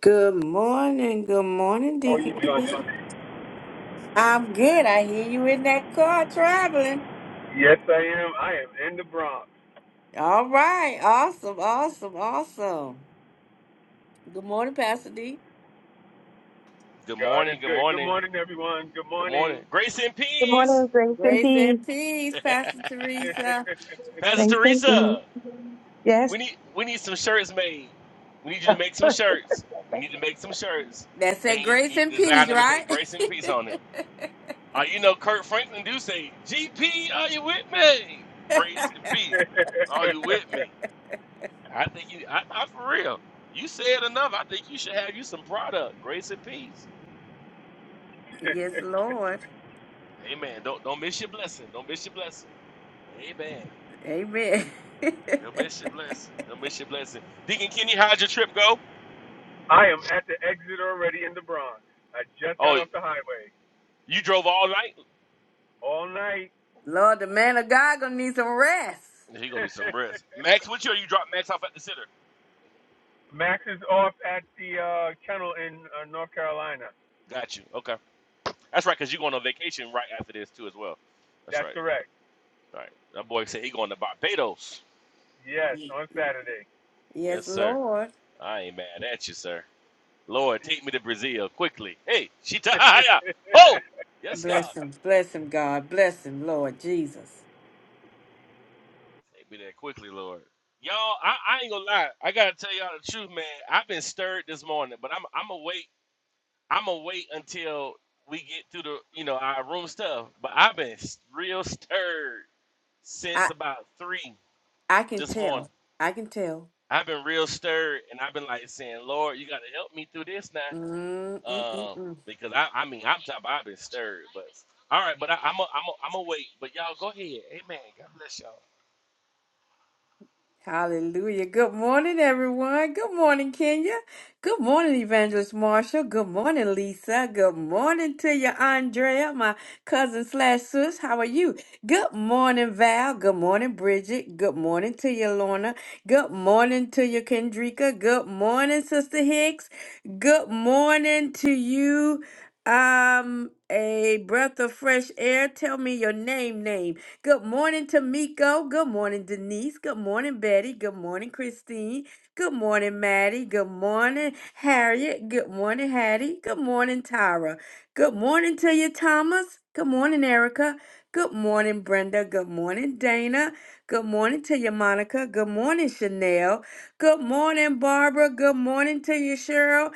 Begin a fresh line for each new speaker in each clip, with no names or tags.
Good morning, good morning,
How are you
Deacon.
doing
Chris.
today?
I'm good. I hear you in that car traveling.
Yes, I am. I am in the Bronx.
All right, awesome, awesome, awesome. Good morning, Pastor D.
Good
God is
morning. Good
good. Good
morning.
morning, everyone. Good
Good
morning.
morning. Grace and
Good
peace.
morning, grace and
Grace
peace.
and peace, Pastor Teresa.
Pastor
Grace and
Teresa,
peace. Yes.
we need we need some shirts made. We need you to make some shirts. We need to make some shirts
That
and
said,
you,
grace
you
and
design
peace,
them and say
right?
grace and peace on it. Uh, you know, Kurt Franklin do say, "GP, are you with me? Grace and peace, are you with me?" I think you, I, I for real. You said enough. I think you should have you some product, grace and peace.
yes, Lord.
Amen. Don't don't miss your blessing. Don't miss your blessing. Amen.
Amen.
Don't miss your blessing. Don't miss your blessing. Deacon Kenny, how'd your trip go?
I am at the exit already in the Bronx. I just got
Oh,
off the highway
you drove all night?
all night.
Lord, the man of God gonna need some rest.
He gonna need some rest. Max, with you or you dropped Max off at the center?
Max is off at the uh, kennel in uh, North Carolina.
Got you. Okay. That's right, because you going on vacation right after this too as well. That's
That's
right.
correct.
All right. That boy said he going to Barbados.
Yes,
Y-
on
y-
Saturday.
Yes,
Yes,
sir.
Lord.
I ain't mad at you, sir. Lord, take me to Brazil quickly. Hey, Shitahaya. Oh! Yes, God.
Bless him, bless him, God. Bless him, Lord Jesus.
Take me there quickly, Lord. Y'all, I, I ain't gonna lie. I gotta tell y'all the truth, man. I've been stirred this morning, but I'm I'm awake I'm gonna wait until we get through the you know our room stuff. But I've been s- real stirred since about three
I can
this morning.
tell. I can tell.
I've been real stirred, and I've been like saying, "Lord, you gotta help me through this now,"
mm mm mm
Um,
mm.
because I, I mean, I'm top. I've been stirred, but all right, but I, I'm a, I'm a, I'm a wait. But y'all go ahead, Amen. God bless y'all.
Hallelujah. Good morning, everyone. Good morning, Kenya. Good morning, Evangelist Marshall. Good morning, Lisa. Good morning to you, Andrea, my cousin slash sis. How are you? Good morning, Val. Good morning, Bridget. Good morning to you, Lorna. Good morning to you, Kendrika. Good morning, Sister Hicks. Good morning to you. Um, a breath of fresh air. Tell me your name, name. Good morning, Tamiko. Good morning, Denise. Good morning, Betty. Good morning, Christine. Good morning, Maddie. Good morning, Harriet. Good morning, Hattie. Good morning, Tyra. Good morning to you, Thomas. Good morning, Erica. Good morning, Brenda. Good morning, Dana. Good morning to you, Monica. Good morning, Chanel. Good morning, Barbara. Good morning to you, Cheryl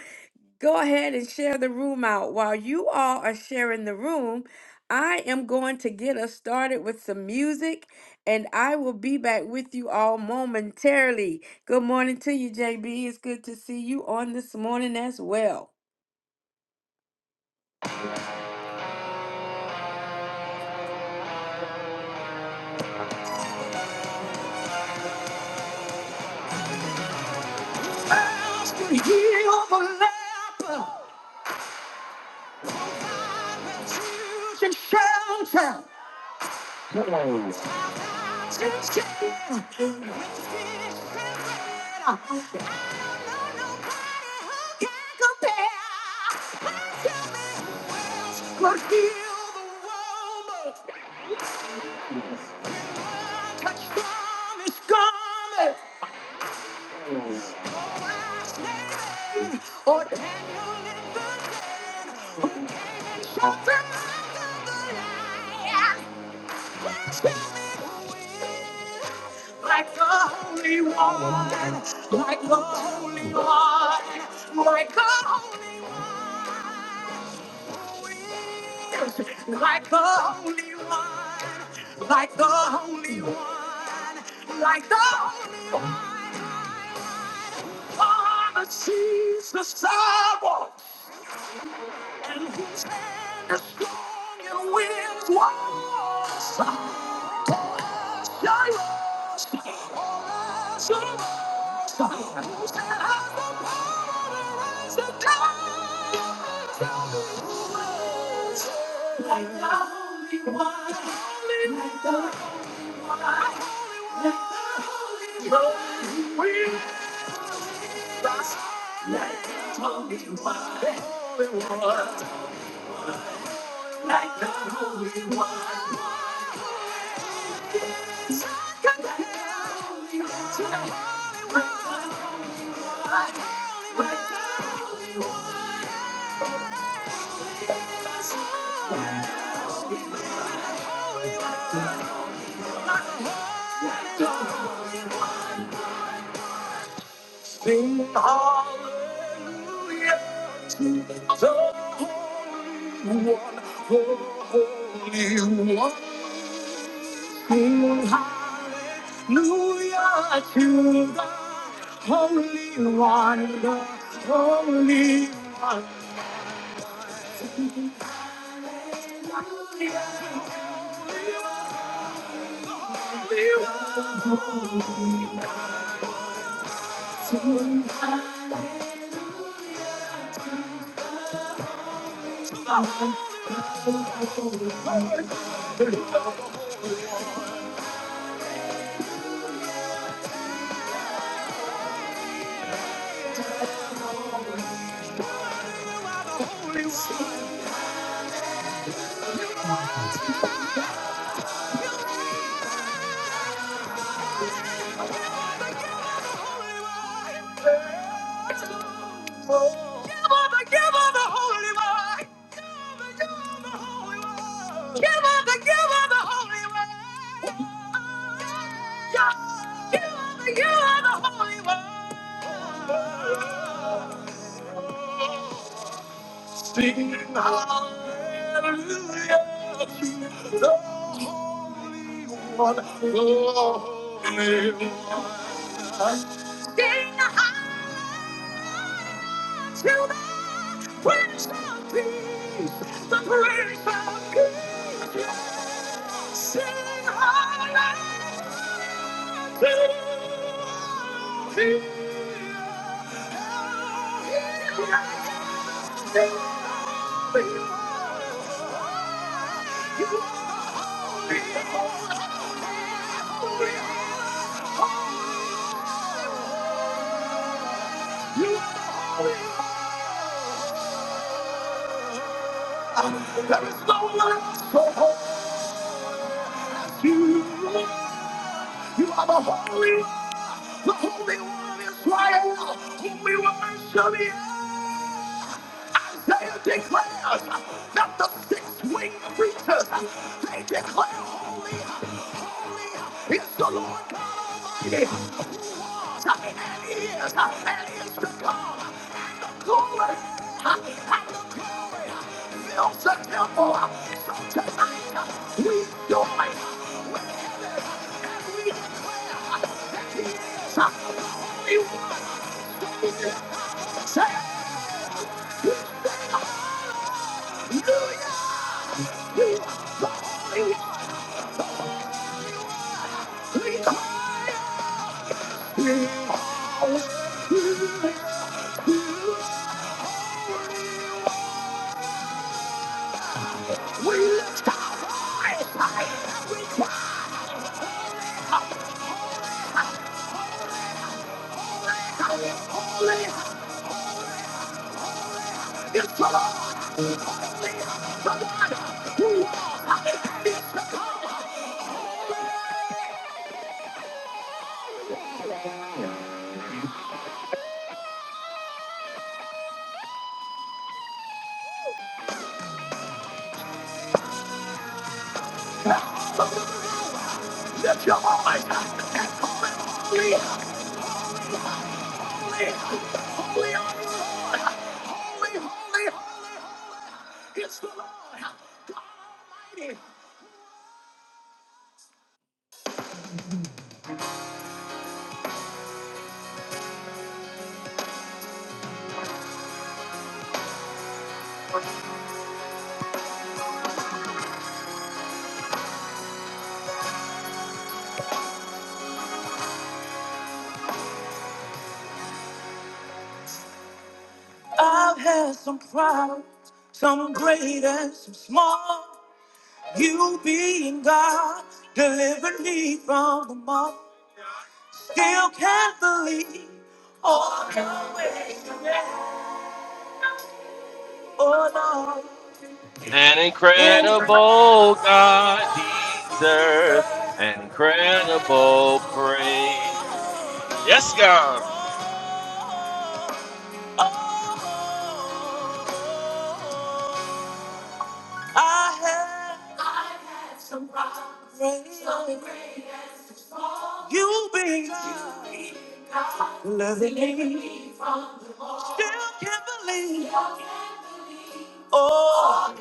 go ahead and share the room out. While you all are sharing the room, I am going to get us started with some music and I will be back with you all momentarily. Good morning to you, JB. It's good to see you on this morning as well. Ask and heal the leper. Or Daniel in the den, who came and showed them out of the light. Like the Holy One, like the Holy One, like the Holy One, like the Holy One, like the Holy One, like the Holy One. Father sees the sidewalk, and his hand is strong and wins wars. Like the holy one. Sing hallelujah to the Holy One, the Holy One. Sing hallelujah to the Holy One, the Holy One. Sing hallelujah. to the Holy One. Sing hallelujah. One, only one. Sing high to the Prince of Peace, the Prince of Peace. Sing hallelujah to Him. There is no one so holy. You are the holy. the Holy One of Israel, whom we will worship in. Isaiah declares that the six-winged creatures, they declare holy, holy is the Lord God Almighty, and He is, and He is to come. Glory and the glory fills the temple. So tonight, we join with every holy one. Say, We are the Holy One. We are healed. We lift our voice high. We holy is the Lord. Lift your voice. Holy, holy, holy are you, Lord. Holy, holy, holy, holy is the Lord. Almighty. I've had some problems, some great and some small. You being God delivered me from them all. Still can't believe all the way back. Oh Lord,
An
in the
incredible God deserves an incredible praise. Yes, God.
I have you been loving me. Still can't believe. Oh,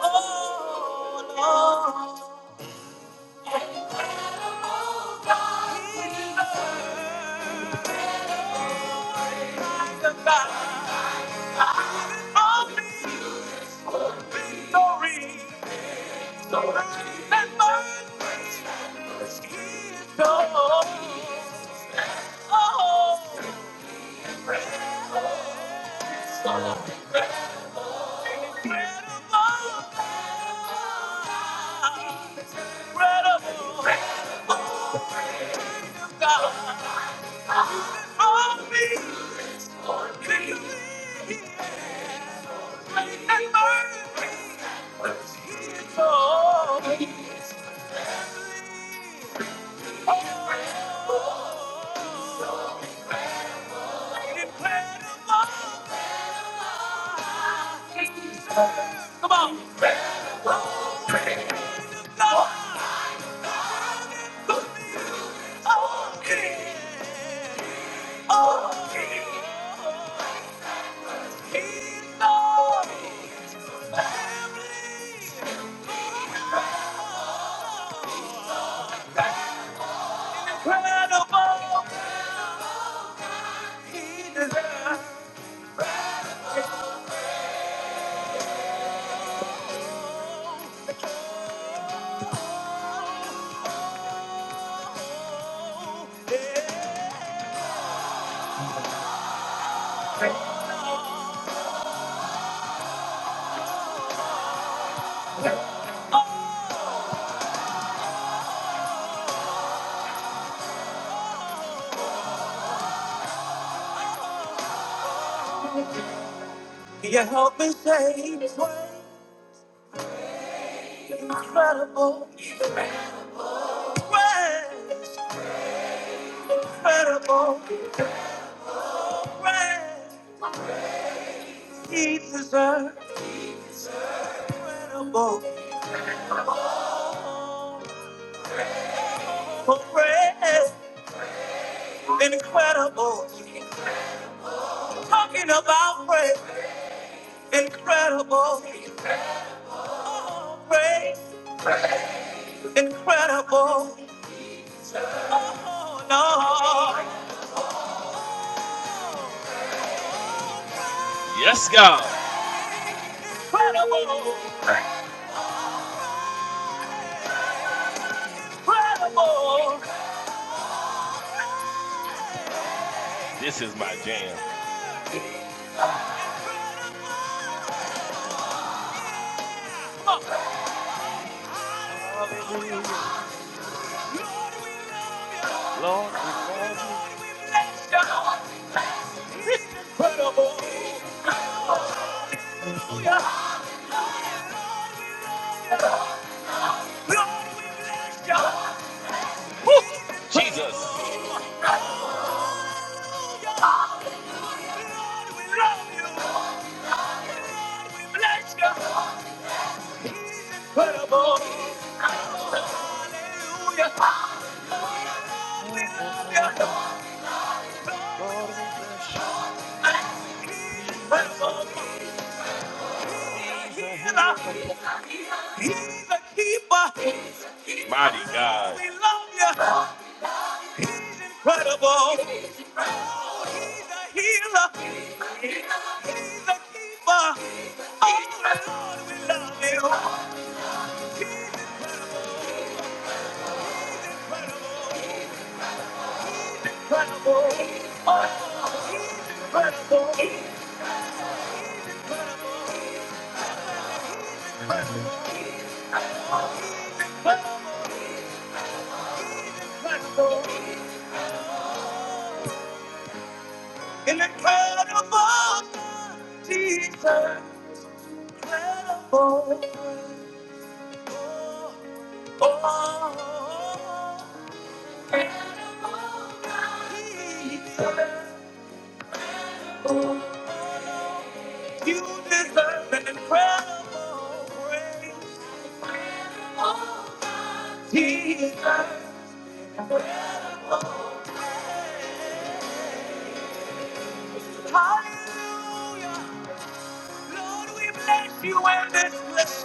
oh, Oh, Come on. God Oh, you help me say his Incredible. Grace. Incredible. Grace. He deserves incredible. Oh, grace. Incredible. Talking about praise, incredible, praise, incredible. Oh no,
Yes, God.
incredible, incredible,
This is my jam. Hallelujah. Lord, we love you.
incredible. Lord, we bless you.
Woo!
He's incredible.
Jesus.
Hallelujah. Lord, we love you. Lord, we bless you. He's incredible. Hallelujah.
Mm, mm, mm, mm. Lord, we bless you. He's incredible. He's a healer.
He's a keeper.
Mighty
Lord,
God.
we love you. He's incredible. He's a healer. He's a keeper. Oh, Lord, we love you. He's incredible. He's incredible. Oh, he's incredible. He's incredible. Incredible, incredible, Jesus, incredible. Oh, oh, oh, Jesus, oh, you deserve an incredible praise. Oh, Jesus, hallelujah. Lord, we bless you and this place.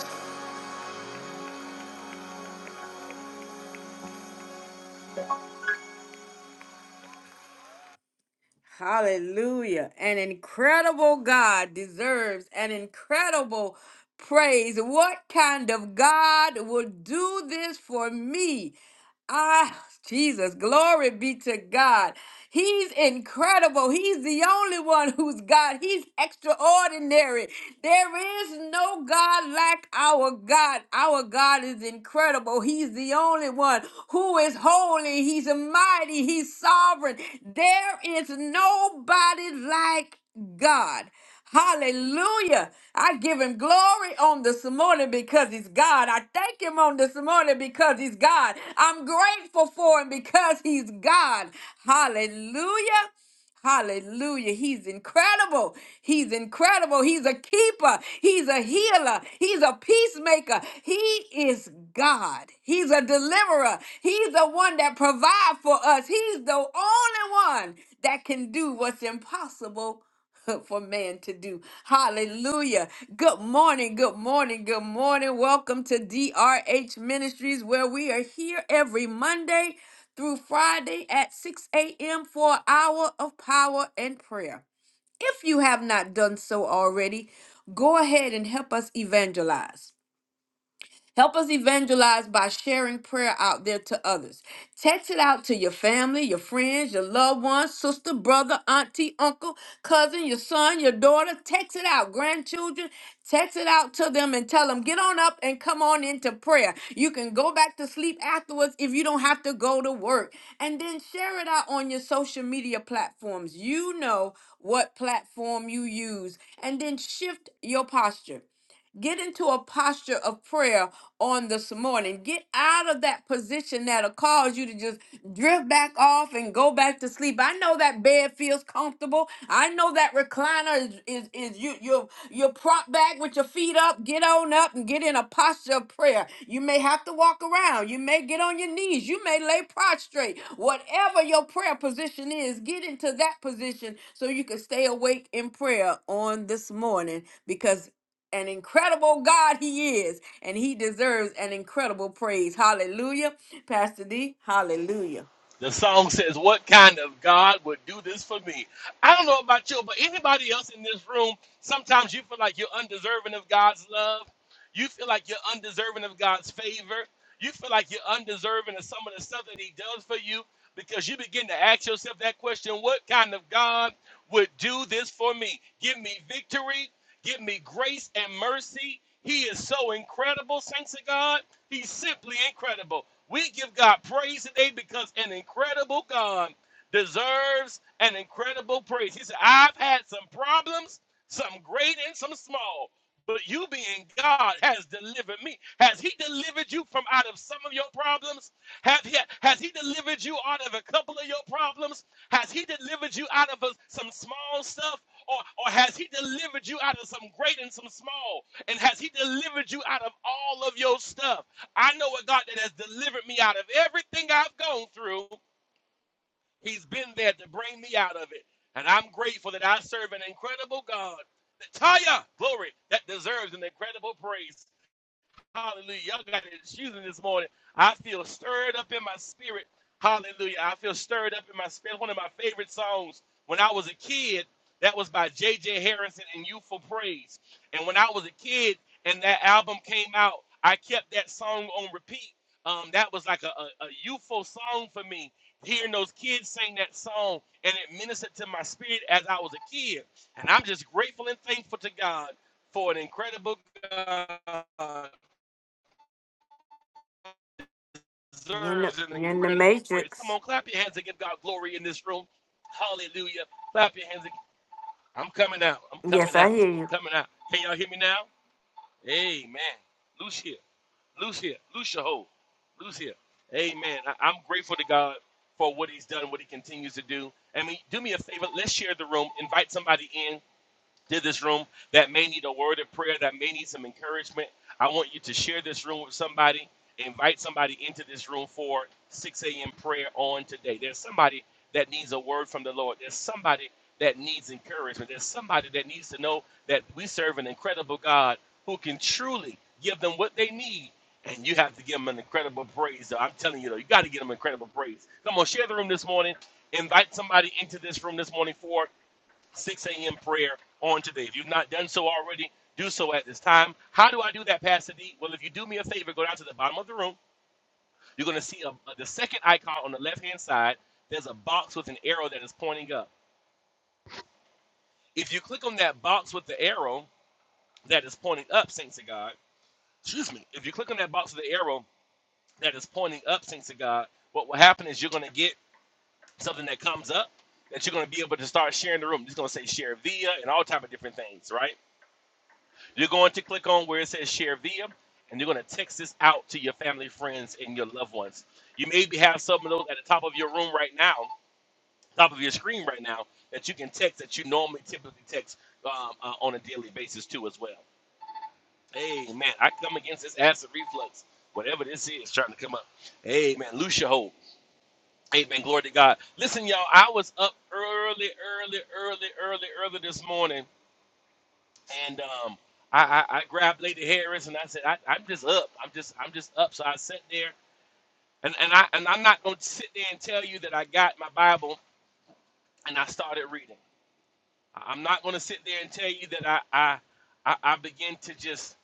Hallelujah. An incredible God deserves an incredible praise. What kind of God would do this for me? Ah, Jesus, glory be to God. He's incredible. He's the only one who's God. He's extraordinary. There is no God like our God. Our God is incredible. He's the only one who is holy. He's mighty. He's sovereign. There is nobody like God. Hallelujah. I give him glory on this morning because he's God. I thank him on this morning because he's God. I'm grateful for him because he's God. Hallelujah. Hallelujah. He's incredible. He's incredible. He's a keeper. He's a healer. He's a peacemaker. He is God. He's a deliverer. He's the one that provides for us. He's the only one that can do what's impossible for man to do. Hallelujah. Good morning, good morning, good morning. Welcome to DRH Ministries, where we are here every Monday through Friday at 6 a.m. for an hour of power and prayer. If you have not done so already, go ahead and help us evangelize. Help us evangelize by sharing prayer out there to others. Text it out to your family, your friends, your loved ones, sister, brother, auntie, uncle, cousin, your son, your daughter. Text it out, grandchildren. Text it out to them and tell them, get on up and come on into prayer. You can go back to sleep afterwards if you don't have to go to work. And then share it out on your social media platforms. You know what platform you use. And then shift your posture. Get into a posture of prayer on this morning. Get out of that position that'll cause you to just drift back off and go back to sleep. I know that bed feels comfortable. I know that recliner is is, is you you you're propped back with your feet up. Get on up and get in a posture of prayer. You may have to walk around. You may get on your knees. You may lay prostrate. Whatever your prayer position is, get into that position so you can stay awake in prayer on this morning because an incredible God he is, and he deserves an incredible praise. Hallelujah. Pastor D, hallelujah.
The song says, What kind of God would do this for me? I don't know about you, but anybody else in this room, sometimes you feel like you're undeserving of God's love. You feel like you're undeserving of God's favor. You feel like you're undeserving of some of the stuff that He does for you because you begin to ask yourself that question What kind of God would do this for me? Give me victory, give me grace and mercy. He is so incredible, saints of God. He's simply incredible. We give God praise today because an incredible God deserves an incredible praise. He said, I've had some problems, some great and some small, but you being God has delivered me. Has He delivered you from out of some of your problems? Have he, has He delivered you out of a couple of your problems? Has He delivered you out of a- some small stuff? Or, or has he delivered you out of some great and some small? And has he delivered you out of all of your stuff? I know a God that has delivered me out of everything I've gone through. He's been there to bring me out of it. And I'm grateful that I serve an incredible God. Taya, glory, that deserves an incredible praise. Hallelujah. Y'all got an excuse me this morning. I feel stirred up in my spirit. Hallelujah. I feel stirred up in my spirit. One of my favorite songs when I was a kid, that was by J.J. Harrison and Youthful Praise. And when I was a kid and that album came out, I kept that song on repeat. Um, that was like a, a, a youthful song for me. Hearing those kids sing that song and it ministered to my spirit as I was a kid. And I'm just grateful and thankful to God for an incredible God.
You're in the,
deserves an
you're in the
incredible praise. Come
matrix.
on, clap your hands and give God glory in this room. Hallelujah. Clap your hands. and- I'm coming out. I'm coming
Yes, I
out.
hear
I'm
you.
coming out. Can y'all hear me now? Amen. Loose Loose here. Loose here. Loose your hold. Loose here. Amen. I- I'm grateful to God for what He's done, what He continues to do. I mean, do me a favor. Let's share the room. Invite somebody in did this room that may need a word of prayer, that may need some encouragement, I want you to share this room with somebody. Invite somebody into this room for 6 a.m. prayer on today. There's somebody that needs a word from the Lord. There's somebody that needs encouragement. There's somebody that needs to know that we serve an incredible God who can truly give them what they need. And you have to give them an incredible praise. I'm telling you, though, you got to give them incredible praise. Come on, share the room this morning. Invite somebody into this room this morning for 6 a.m. prayer on today. If you've not done so already, do so at this time. How do I do that, Pastor D? Well, if you do me a favor, go down to the bottom of the room. You're going to see a, a- the second icon on the left hand side. There's a box with an arrow that is pointing up. If you click on that box with the arrow that is pointing up, saints of God, excuse me, if you click on that box with the arrow that is pointing up, saints of God, what will happen is you're going to get something that comes up that you're going to be able to start sharing the room. It's going to say share via and all type of different things, right? You're going to click on where it says share via, and you're going to text this out to your family, friends, and your loved ones. You maybe have some of those at the top of your room right now, top of your screen right now, that you can text that you normally typically text um, uh, on a daily basis too as well. Hey man, I come against this acid reflux, whatever this is trying to come up. Hey man, loose your hold. Hey man, glory to God. Listen, y'all, I was up early, early, early, early, early this morning and um, I, I, I grabbed Lady Harris and I said, I, I'm just up. I'm just I'm just up. So I sat there and, and I and I'm not gonna sit there and tell you that I got my Bible and I started reading. I- I'm not gonna sit there and tell you that I I I, I begin to just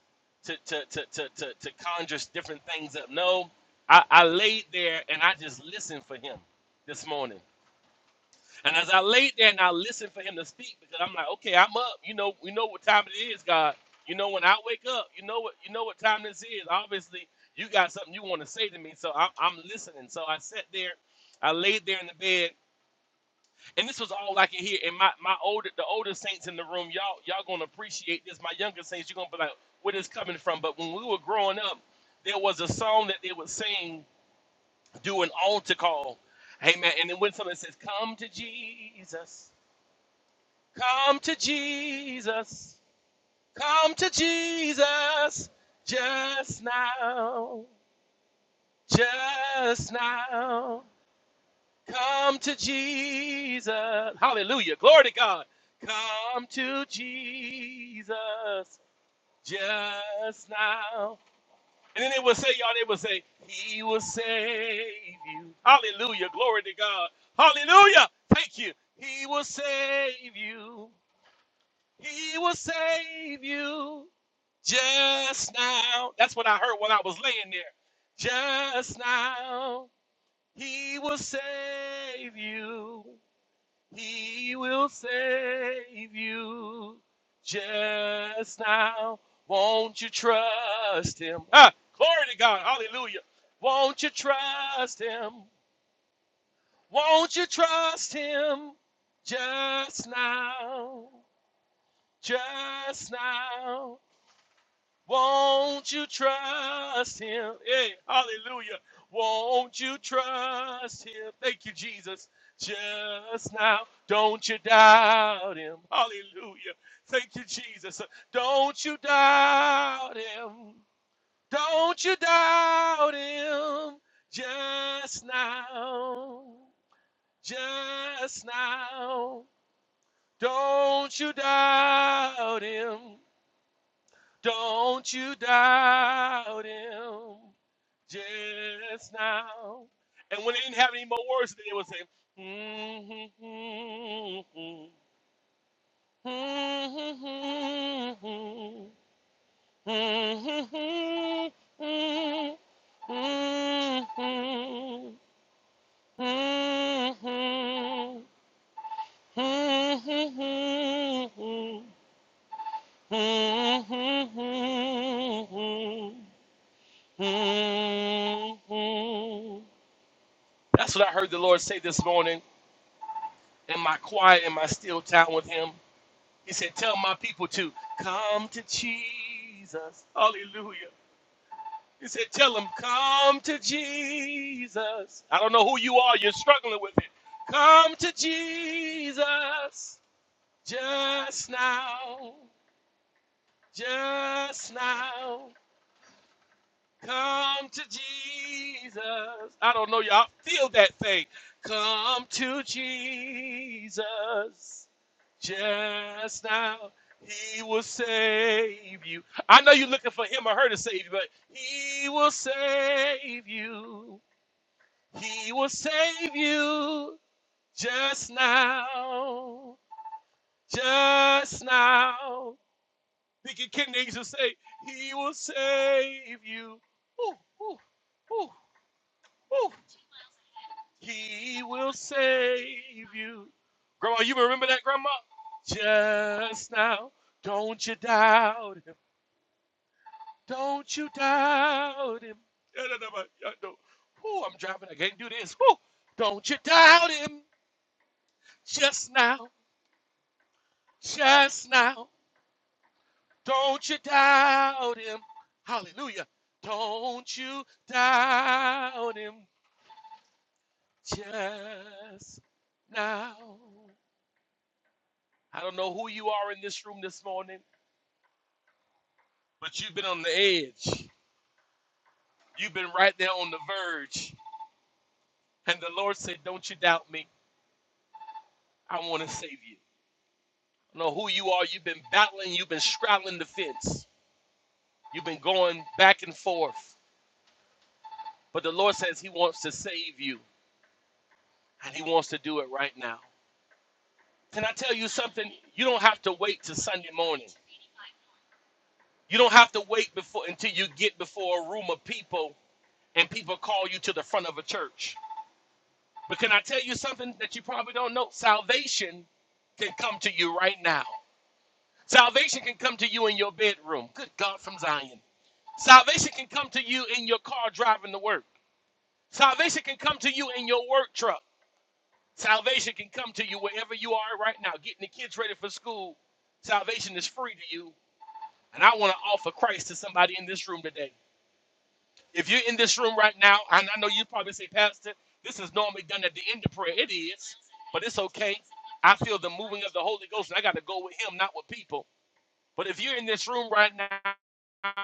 to to, to, to, to to conjure different things up. No, I, I laid there and I just listened for him this morning. And as I laid there and I listened for him to speak, because I'm like, okay, I'm up. You know, you know what time it is, God. You know when I wake up, you know what you know what time this is. Obviously, you got something you want to say to me, so I'm, I'm listening. So I sat there, I laid there in the bed, and this was all I could hear. And my my older the older saints in the room, y'all y'all gonna appreciate this. My younger saints, you're gonna be like, where this coming from? But when we were growing up, there was a song that they would sing, do an altar call, Amen. And then when someone says, "Come to Jesus." Come to Jesus. Come to Jesus just now. Just now. Come to Jesus. Hallelujah. Glory to God. Come to Jesus just now. And then they will say, y'all, they will say, He will save you. Hallelujah. Glory to God. Hallelujah. Thank you. He will save you. He will save you just now. That's what I heard when I was laying there. Just now, He will save you. He will save you just now. Won't you trust Him? Ah, glory to God. Hallelujah. Won't you trust Him? Won't you trust Him just now? Just now. Won't you trust him? Hey, hallelujah. Won't you trust him? Thank you, Jesus. Just now, don't you doubt him. Hallelujah. Thank you, Jesus. Don't you doubt him. Don't you doubt him. Just now. Just now. Don't you doubt him. Don't you doubt him just now. And when they didn't have any more words, they would say, hmm hmm hmm hmm hmm hmm hmm Mhm. That's what I heard the Lord say this morning in my quiet, in my still time with Him. He said, Tell my people to come to Jesus. Hallelujah. He said, Tell them, come to Jesus. I don't know who you are, you're struggling with it. Come to Jesus just now, just now. Come to Jesus. I don't know, y'all. Feel that thing. Come to Jesus. Just now, He will save you. I know you're looking for Him or her to save you, but He will save you. He will save you just now. Just now. Deacon King used to say, He will save you. Ooh, ooh, ooh. Woo. He will save you. Grandma, you remember that, Grandma? Just now. Don't you doubt him. Don't you doubt him. Yeah, no, no, but, yeah, no. Woo, I'm driving. I can't do this. Woo. Don't you doubt him. Just now. Just now. Don't you doubt him. Hallelujah. Don't you doubt him. Just now. I don't know who you are in this room this morning, but you've been on the edge. You've been right there on the verge. And the Lord said, Don't you doubt me. I want to save you. I don't know who you are. You've been battling. You've been straddling the fence. You've been going back and forth. But the Lord says He wants to save you, and He wants to do it right now. Can I tell you something? You don't have to wait till Sunday morning. You don't have to wait before until you get before a room of people and people call you to the front of a church. But can I tell you something that you probably don't know? Salvation can come to you right now. Salvation can come to you in your bedroom. Good God from Zion. Salvation can come to you in your car driving to work. Salvation can come to you in your work truck. Salvation can come to you wherever you are right now, getting the kids ready for school. Salvation is free to you. And I want to offer Christ to somebody in this room today. If you're in this room right now, and I know you probably say, Pastor, this is normally done at the end of prayer. It is, but it's okay. I feel the moving of the Holy Ghost, and I got to go with Him, not with people. But if you're in this room right now,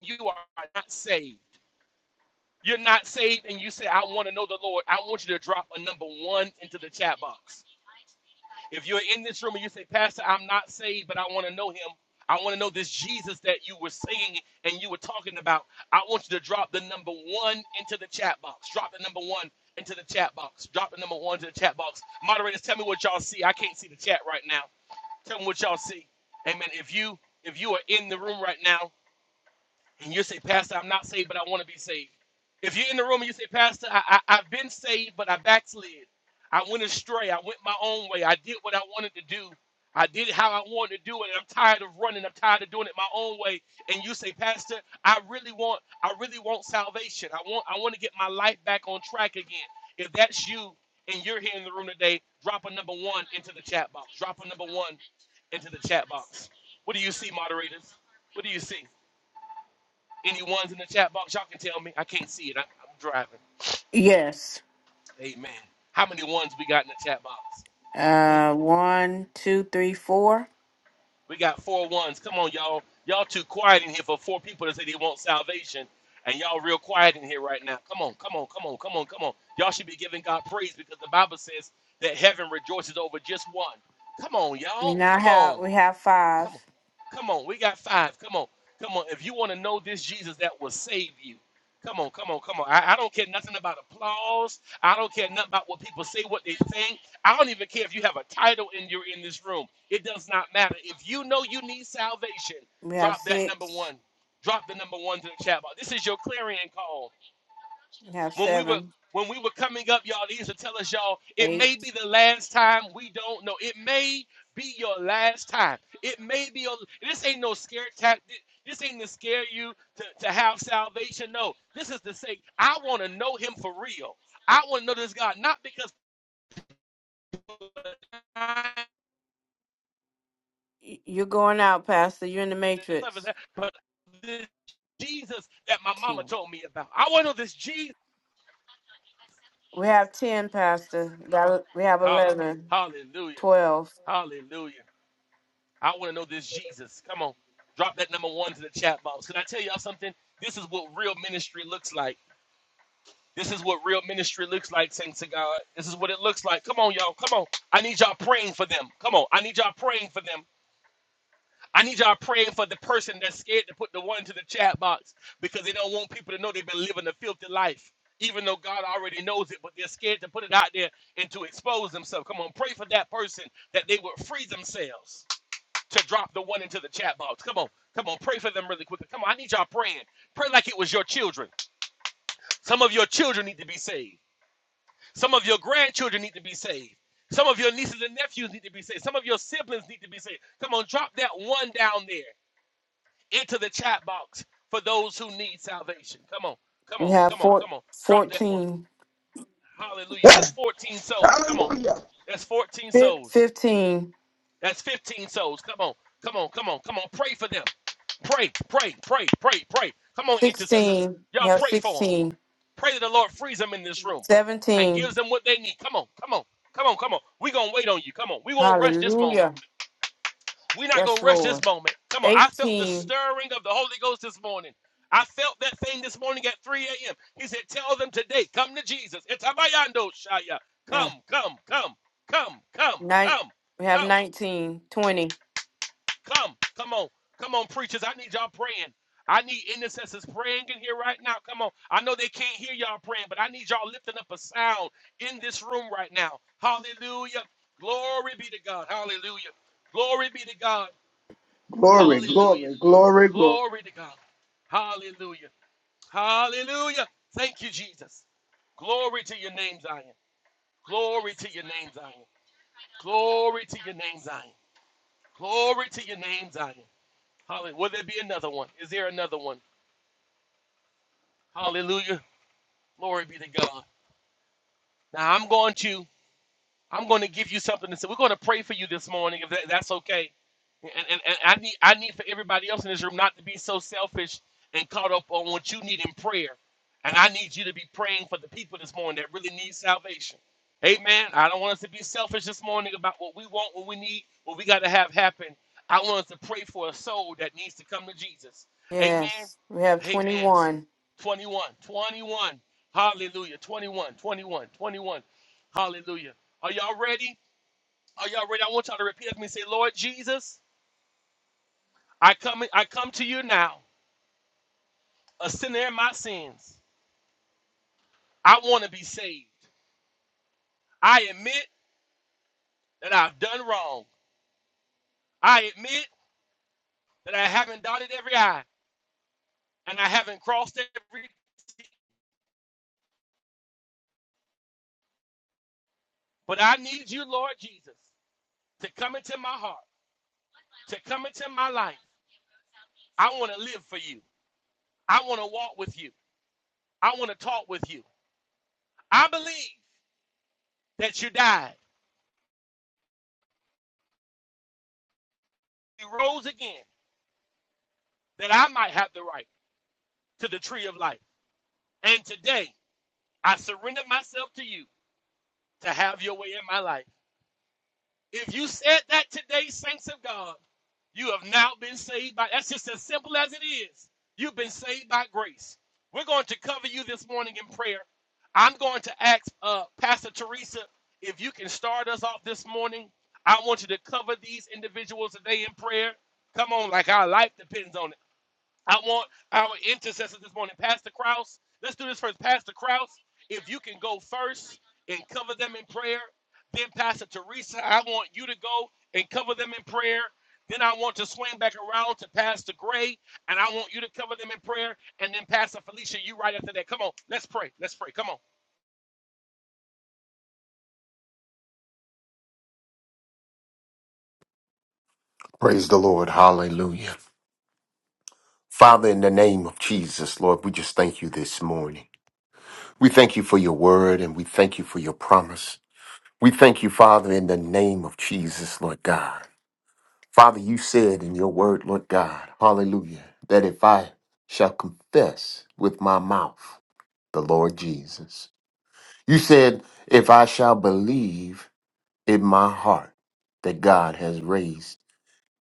you are not saved. You're not saved, and you say, I want to know the Lord. I want you to drop a number one into the chat box. If you're in this room and you say, Pastor, I'm not saved, but I want to know him. I want to know this Jesus that you were singing and you were talking about. I want you to drop the number one into the chat box. Drop the number one into the chat box. Drop the number one to the chat box. Moderators, tell me what y'all see. I can't see the chat right now. Tell me what y'all see. Amen. If you if you are in the room right now and you say, Pastor, I'm not saved, but I want to be saved. If you're in the room and you say, Pastor, I, I, I've been saved, but I backslid. I went astray. I went my own way. I did what I wanted to do. I did it how I wanted to do it. And I'm tired of running. I'm tired of doing it my own way. And you say, Pastor, I really want, I really want salvation. I want, I want to get my life back on track again. If that's you and you're here in the room today, drop a number one into the chat box. Drop a number one into the chat box. What do you see, moderators? What do you see? Any ones in the chat box? Y'all can tell me. I can't see it. I, I'm driving.
Yes.
Amen. How many ones we got in the chat box? Amen.
Uh, one, two, three, four.
We got four ones. Come on, y'all. Y'all too quiet in here for four people that say they want salvation, and y'all real quiet in here right now. Come on, come on, come on, come on, come on. Y'all should be giving God praise because the Bible says that heaven rejoices over just one. Come on,
We
y'all.
now
Come
have
on.
we have five.
Come on. Come on. We got five. Come on. Come on. If you want to know this Jesus that will save you, come on, come on, come on. I, I don't care nothing about applause. I don't care nothing about what people say, what they think. I don't even care if you have a title and you're in this room. It does not matter. If you know you need salvation,
We have
drop that number
six.
one. Drop the number one to the chat box. This is your clarion call
We have
when we were
seven,
when we were coming up, y'all, they used to tell us, y'all, it
eight.
may be the last time. We don't know. It may be your last time. It may be your. This ain't no scare tactic. This ain't to scare you to, to have salvation. No, this is to say, I want to know Him for real. I want to know this God, not because,
Y- You're going out, Pastor. You're in the matrix.
but this Jesus that my mama
Ten.
told me about. I want to know this Jesus.
We have ten, Pastor. That- We have
Hallelujah.
eleven,
Hallelujah.
twelve.
Hallelujah. I want to know this Jesus. Come on, drop that number one to the chat box. Can I tell y'all something? This is what real ministry looks like. This is what real ministry looks like, saints of God. This is what it looks like. Come on, y'all. Come on. I need y'all praying for them. Come on. I need y'all praying for them. I need y'all praying for the person that's scared to put the one to the chat box because they don't want people to know they've been living a filthy life, even though God already knows it, but they're scared to put it out there and to expose themselves. Come on, pray for that person that they would free themselves to drop the one into the chat box. Come on, come on, pray for them really quickly. Come on, I need y'all praying. Pray like it was your children. Some of your children need to be saved. Some of your grandchildren need to be saved. Some of your nieces and nephews need to be saved. Some of your siblings need to be saved. Come on, drop that one down there into the chat box for those who need salvation. Come on, come
We
on,
have
come on,
four,
come on. Drop that one.
fourteen.
Hallelujah. That's
Yes.
14 souls. Come on.
Hallelujah.
That's 14
Fif-
souls.
15,
That's 15 souls. Come on, come on, come on, come on. Pray for them. Pray, pray, pray, pray, pray. Come on, intercessors.
sixteen, we
Y'all
have
pray for them.
16,
Pray that the Lord frees them in this room and
17.
gives them what they need. Come on, come on, come on, come on. we going to wait on you. Come on. We won't rush this moment.
hallelujah,
we not going
yes,
to rush this
Lord,
moment. Come on. I felt the
18,
stirring of the Holy Ghost this morning. I felt that thing this morning at 3 a.m. He said, Tell them today, come to Jesus. It's Abayando Shaya.
yeah,
Come, come, come, come, come,
nine,
come,
we have
come.
19, 20.
Come, come on, come on, preachers. I need y'all praying. I need intercessors praying in here right now. Come on. I know they can't hear y'all praying, but I need y'all lifting up a sound in this room right now. Hallelujah. Glory be to God. Hallelujah. Glory be to God.
Glory,
Hallelujah.
glory, glory, glory.
Glory to God. Hallelujah. Hallelujah. Thank you, Jesus. Glory to your name, Zion. Glory to your name, Zion. Glory to your name, Zion. Glory to your name, Zion. Hallelujah. Will there be another one? Is there another one? Hallelujah. Glory be to God. Now I'm going to I'm going to give you something to say. We're going to pray for you this morning if that, that's okay. And, and, and I need I need for everybody else in this room not to be so selfish and caught up on what you need in prayer. And I need you to be praying for the people this morning that really need salvation. Amen. I don't want us to be selfish this morning about what we want, what we need, what we got to have happen. I want us to pray for a soul that needs to come to Jesus. Amen.
yes, we have
Amen.
21.
21, 21. Hallelujah. 21, 21, 21. Hallelujah. Are y'all ready? Are y'all ready? I want y'all to repeat after me. and Say, Lord Jesus, I come, I come to you now, a sinner in my sins. I want to be saved. I admit that I've done wrong. I admit that I haven't dotted every I and I haven't crossed every T. But I need you, Lord Jesus, to come into my heart, to come into my life. I want to live for you. I want to walk with you. I want to talk with you. I believe that you died, you rose again, that I might have the right to the tree of life. And today, I surrender myself to you to have your way in my life. If you said that today, saints of God, you have now been saved by that's just as simple as it is. You've been saved by grace. We're going to cover you this morning in prayer. I'm going to ask uh, Pastor Teresa if you can start us off this morning. I want you to cover these individuals today in prayer. Come on, like our life depends on it. I want our intercessors this morning. Pastor Kraus, let's do this first. Pastor Kraus, if you can go first and cover them in prayer. Then Pastor Teresa, I want you to go and cover them in prayer. Then I want to swing back around to Pastor Gray, and I want you to cover them in prayer. And then Pastor Felicia, you right after that. Come on, let's pray. Let's pray. Come on.
Praise the Lord. Hallelujah. Father, in the name of Jesus, Lord, we just thank you this morning. We thank you for your word and we thank you for your promise. We thank you, Father, in the name of Jesus, Lord God. Father, you said in your word, Lord God, hallelujah, that if I shall confess with my mouth the Lord Jesus, you said, if I shall believe in my heart that God has raised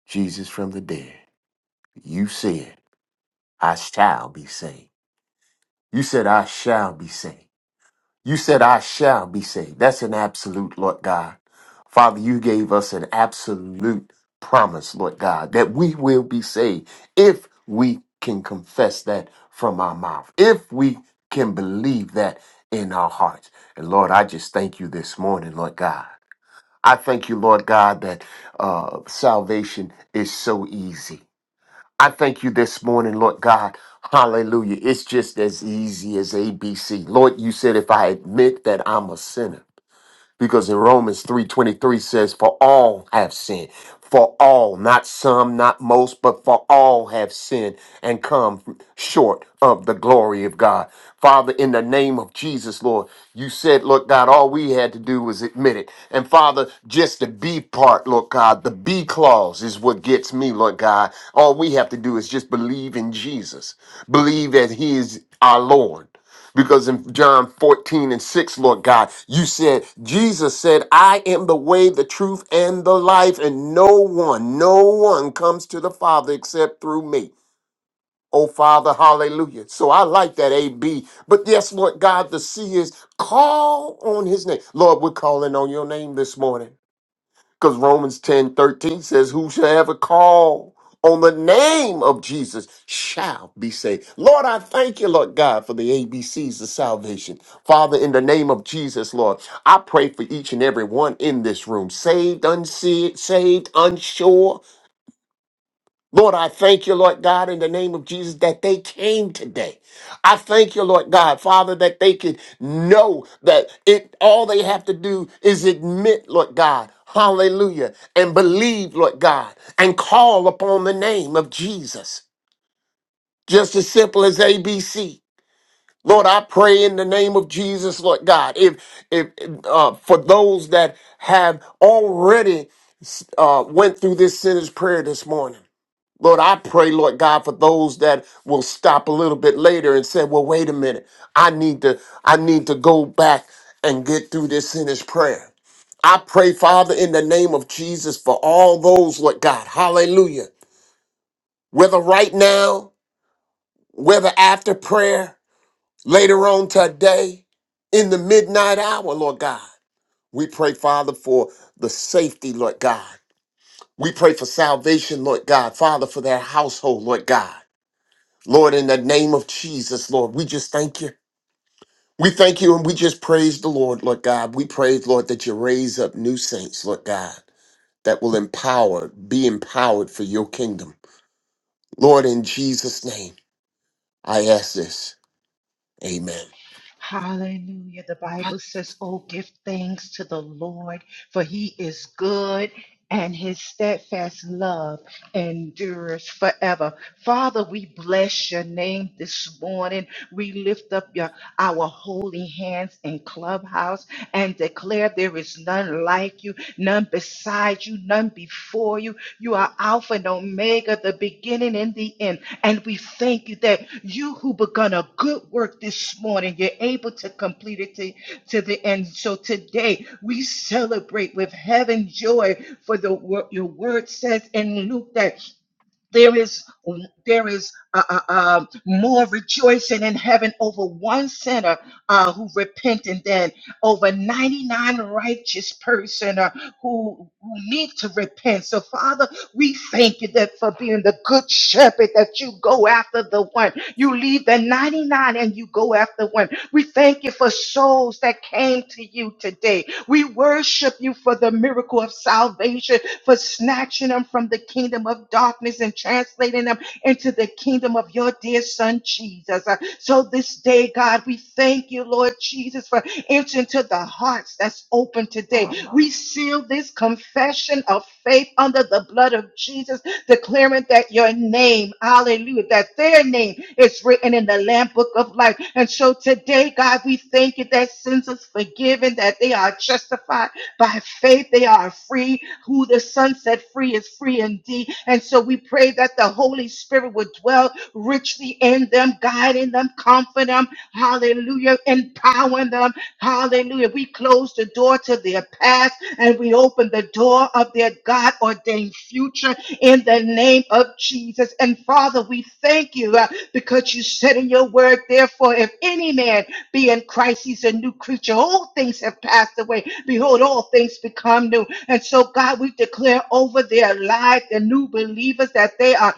Jesus from the dead, you said, I shall be saved. You said, I shall be saved. You said, I shall be saved. That's an absolute, Lord God. Father, you gave us an absolute promise, Lord God, that we will be saved if we can confess that from our mouth, if we can believe that in our hearts. And Lord, I just thank you this morning, Lord God. I thank you, Lord God, that uh, salvation is so easy. I thank you this morning, Lord God. Hallelujah. It's just as easy as ABC. Lord, you said if I admit that I'm a sinner, because in Romans 3:23 says for all have sinned for all not some not most but for all have sinned and come short of the glory of God father in the name of Jesus Lord you said look God all we had to do was admit it and father just the B part Lord God the B clause is what gets me Lord God all we have to do is just believe in Jesus believe that he is our Lord because in John 14 and 6, Lord God, you said, Jesus said, I am the way, the truth, and the life, and no one, no one comes to the Father except through me. Oh, Father, hallelujah. So I like that AB. But yes, Lord God, the C is call on his name. Lord, we're calling on your name this morning. Because Romans 10 13 says, Who shall ever call on the name of Jesus shall be saved. Lord, I thank you, Lord God, for the ABCs of salvation. Father, in the name of Jesus, Lord, I pray for each and every one in this room, saved, unsaved, saved, unsure. Lord, I thank you, Lord God, in the name of Jesus, that they came today. I thank you, Lord God, Father, that they could know that it all they have to do is admit, Lord God, hallelujah, and believe, Lord God, and call upon the name of Jesus. Just as simple as ABC. Lord, I pray in the name of Jesus, Lord God, if if uh, for those that have already uh, went through this sinner's prayer this morning. Lord, I pray, Lord God, for those that will stop a little bit later and say, well, wait a minute. I need to, I need to go back and get through this sinner's prayer. I pray, Father, in the name of Jesus, for all those, Lord God, hallelujah. Whether right now, whether after prayer, later on today, in the midnight hour, Lord God. We pray, Father, for the safety, Lord God. We pray for salvation, Lord God. Father, for their household, Lord God. Lord, in the name of Jesus, Lord, we just thank you. We thank you and we just praise the Lord, Lord God. We praise, Lord, that you raise up new saints, Lord God, that will empower, be empowered for your kingdom. Lord, in Jesus' name, I ask this. Amen.
Hallelujah. The Bible says, Oh, give thanks to the Lord, for he is good and his steadfast love endures forever. Father, we bless your name this morning. We lift up your, our holy hands in clubhouse and declare there is none like you, none beside you, none before you. You are Alpha and Omega, the beginning and the end. And we thank you that you who begun a good work this morning, you're able to complete it to, to the end. So today we celebrate with heaven joy for the word your word says in Luke that there is there is uh, uh, uh, more rejoicing in heaven over one sinner uh, who repented than over 99 righteous person uh, who, who need to repent. So Father, we thank you that for being the good shepherd that you go after the one. You leave the 99 and you go after one. We thank you for souls that came to you today. We worship you for the miracle of salvation for snatching them from the kingdom of darkness and translating them into the kingdom of your dear son, Jesus. Uh, So this day, God, we thank you, Lord Jesus, for entering to the hearts that's open today. We seal this confession of faith under the blood of Jesus, declaring that your name, hallelujah, that their name is written in the Lamb Book of Life. And so today, God, we thank you that sins is forgiven, that they are justified by faith, they are free who the Son set free is free indeed. And so we pray that the Holy Spirit would dwell richly in them, guiding them, comforting them, hallelujah, empowering them, hallelujah. We close the door to their past and we open the door of their God ordained future in the name of Jesus. And Father, we thank you uh, because you said in your word, therefore, if any man be in Christ, he's a new creature. All things have passed away. Behold, all things become new. And so, God, we declare over their lives, the new believers, that they are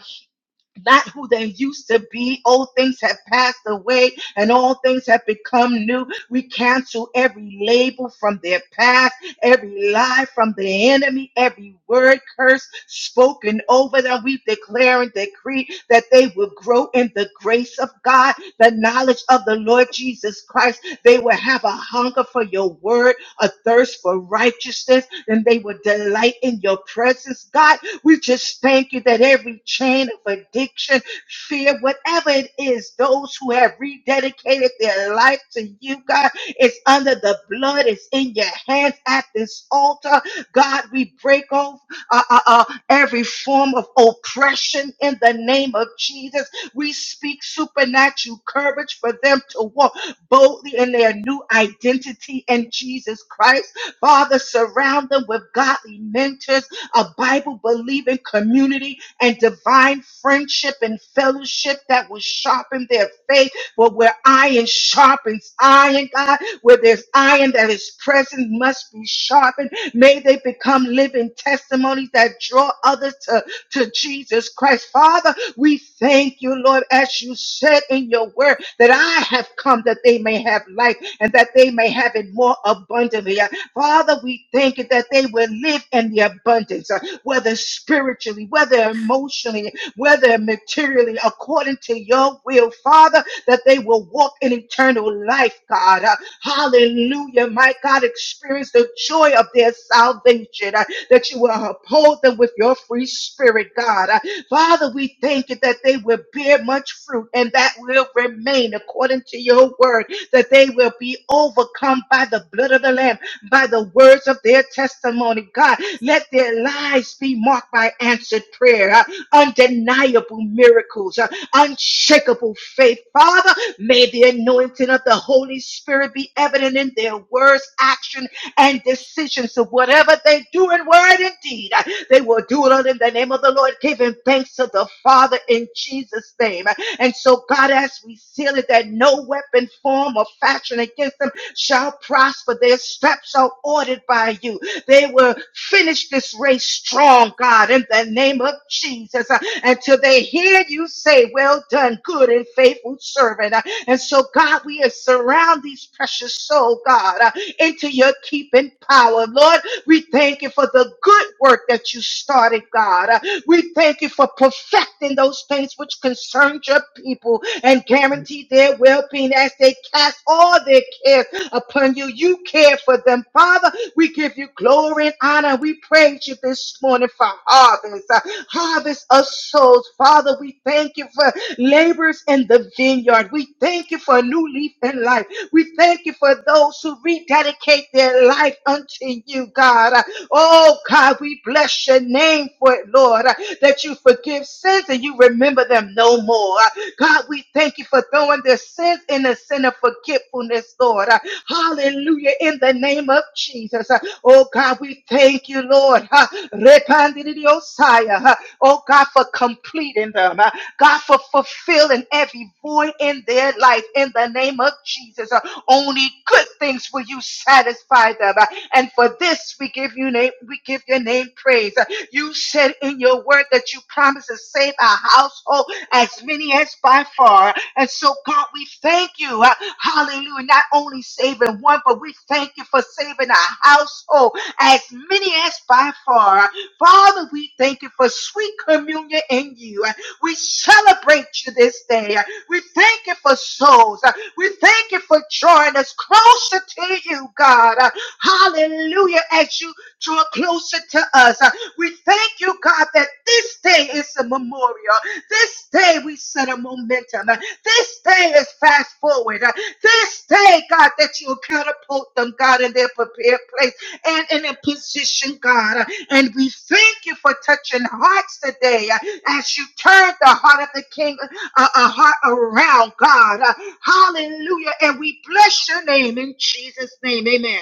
not who they used to be. Old things have passed away and all things have become new. We cancel every label from their past, every lie from the enemy, every word curse spoken over them. We declare and decree that they will grow in the grace of God, the knowledge of the Lord Jesus Christ. They will have a hunger for your word, a thirst for righteousness, and they will delight in your presence, God we just thank you that every chain of addiction, fear, whatever it is, those who have rededicated their life to you, God, it's under the blood, it's in your hands at this altar. God, we break off uh, uh, uh, every form of oppression in the name of Jesus. We speak supernatural courage for them to walk boldly in their new identity in Jesus Christ. Father, surround them with godly mentors a Bible believing community and divine friendship and fellowship that will sharpen their faith. But where iron sharpens iron, God, where there's iron that is present must be sharpened. May they become living testimonies that draw others to, to Jesus Christ. Father, we thank you, Lord, as you said in your word, that I have come that they may have life and that they may have it more abundantly. Father, we thank you that they will live in the abundance, uh, whether spiritually, whether emotionally, whether materially, according to your will, Father, that they will walk in eternal life, God. Uh, Hallelujah. My God, experience the joy of their salvation, uh, that you will uphold them with your free spirit, God. Uh, Father, we thank you that they will bear much fruit and that will remain according to your word, that they will be overcome by the blood of the Lamb by the words of their testimony. God, let their lives be marked by answered prayer, uh, undeniable miracles, uh, unshakable faith. Father, may the anointing of the Holy Spirit be evident in their words, action, and decisions So whatever they do in word and deed. uh, They will do it all in the name of the Lord, giving thanks to the Father in Jesus' name. And so, God, as we seal it, that no weapon, form, or fashion against them shall prosper. Their steps are ordered by you. They will finish this race strong, God, in the name of Jesus, uh, until they hear you say, Well done, good and faithful servant. Uh, and so, God, we uh, surround these precious souls, God, uh, into your keeping power. Lord, we thank you for the good work that you started, God. Uh, we thank you for perfecting those things which concern your people and guarantee their well being as they cast all their cares upon you. You care for them, Father. We give you glory and honor. We praise you this morning for harvest, uh, harvest of souls. Father, we thank you for laborers in the vineyard. We thank you for a new leaf in life. We thank you for those who rededicate their life unto you, God. Uh, Oh God, we bless your name for it, Lord, uh, that you forgive sins and you remember them no more. Uh, God, we thank you for throwing the sins in the sin of forgetfulness, Lord. Uh, Hallelujah, in the name of Jesus. Uh, Oh God, we thank you, Lord. Uh, Repandidiosaya, uh, Oh God, for completing them. Uh, God, for fulfilling every void in their life in the name of Jesus. Uh, Only good things will you satisfy them. And for this we give you name, we give your name praise. You said in your word that you promised to save our household as many as by far. And so, God, we thank you. uh, Hallelujah. Not only saving one, but we thank you for saving our household as many as by far. Father, we thank you for sweet communion in you. We celebrate you this day. We thank you for souls. We thank you for drawing us closer to you, God. Hallelujah. As you draw closer to us, uh, we thank you, God, that this day is a memorial. This day we set a momentum. Uh, This day is fast forward. Uh, This day, God, that you catapult them, God, in their prepared place and in a position, God. Uh, And we thank you for touching hearts today uh, as you turn the heart of the king uh, a heart around, God. Uh, Hallelujah. And we bless your name in Jesus' name. Amen.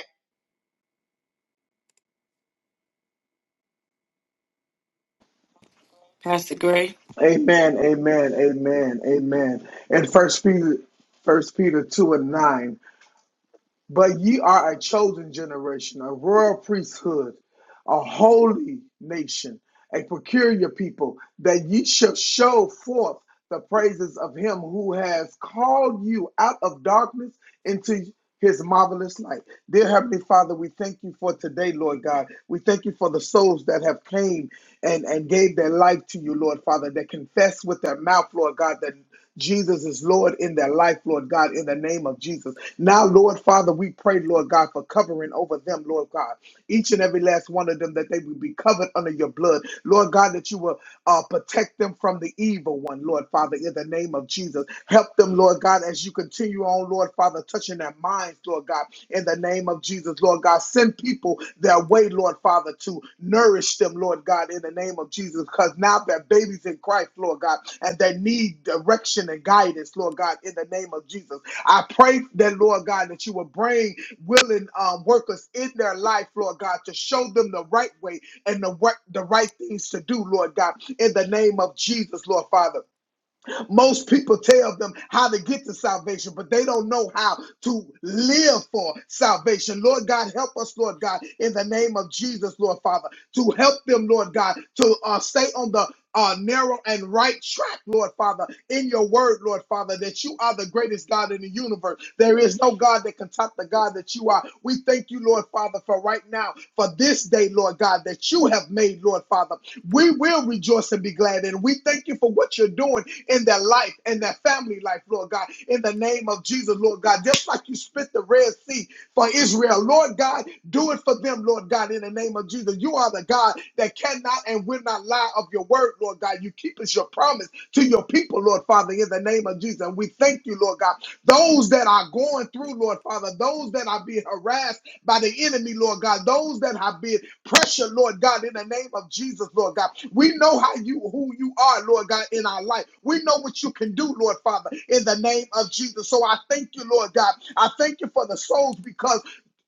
Pastor Gray.
Amen, amen, amen, amen. And first Peter, first Peter 2 and 9. But ye are a chosen generation, a royal priesthood, a holy nation, a peculiar people, that ye shall show forth the praises of him who has called you out of darkness into his marvelous light. Dear Heavenly Father, we thank you for today, Lord God. We thank you for the souls that have came and, and gave their life to you, Lord Father, that confess with their mouth, Lord God, that Jesus is Lord in their life, Lord God, in the name of Jesus. Now, Lord Father, we pray, Lord God, for covering over them, Lord God. Each and every last one of them, that they will be covered under your blood. Lord God, that you will uh, protect them from the evil one, Lord Father, in the name of Jesus. Help them, Lord God, as you continue on, Lord Father, touching their minds, Lord God, in the name of Jesus, Lord God. Send people their way, Lord Father, to nourish them, Lord God, in the name of Jesus, because now they're babies in Christ, Lord God, and they need direction and guidance, Lord God, in the name of Jesus. I pray that, Lord God, that you will bring willing um, workers in their life, Lord God, to show them the right way, and the, work, the right things to do, Lord God, in the name of Jesus, Lord Father. Most people tell them how to get to salvation, but they don't know how to live for salvation. Lord God, help us, Lord God, in the name of Jesus, Lord Father, to help them, Lord God, to uh, stay on the uh, narrow and right track, Lord Father, in your word, Lord Father, that you are the greatest God in the universe. There is no God that can top the God that you are. We thank you, Lord Father, for right now, for this day, Lord God, that you have made, Lord Father. We will rejoice and be glad. And we thank you for what you're doing in their life, in their family life, Lord God, in the name of Jesus, Lord God. Just like you split the Red Sea for Israel, Lord God, do it for them, Lord God, in the name of Jesus. You are the God that cannot and will not lie of your word, Lord God. You keep us your promise to your people, Lord Father, in the name of Jesus. And we thank you, Lord God. Those that are going through, Lord Father, those that are being harassed by the enemy, Lord God, those that have been pressure, Lord God, in the name of Jesus, Lord God. We know how you who you are, Lord God, in our life. We know what you can do, Lord Father, in the name of Jesus. So I thank you, Lord God. I thank you for the souls because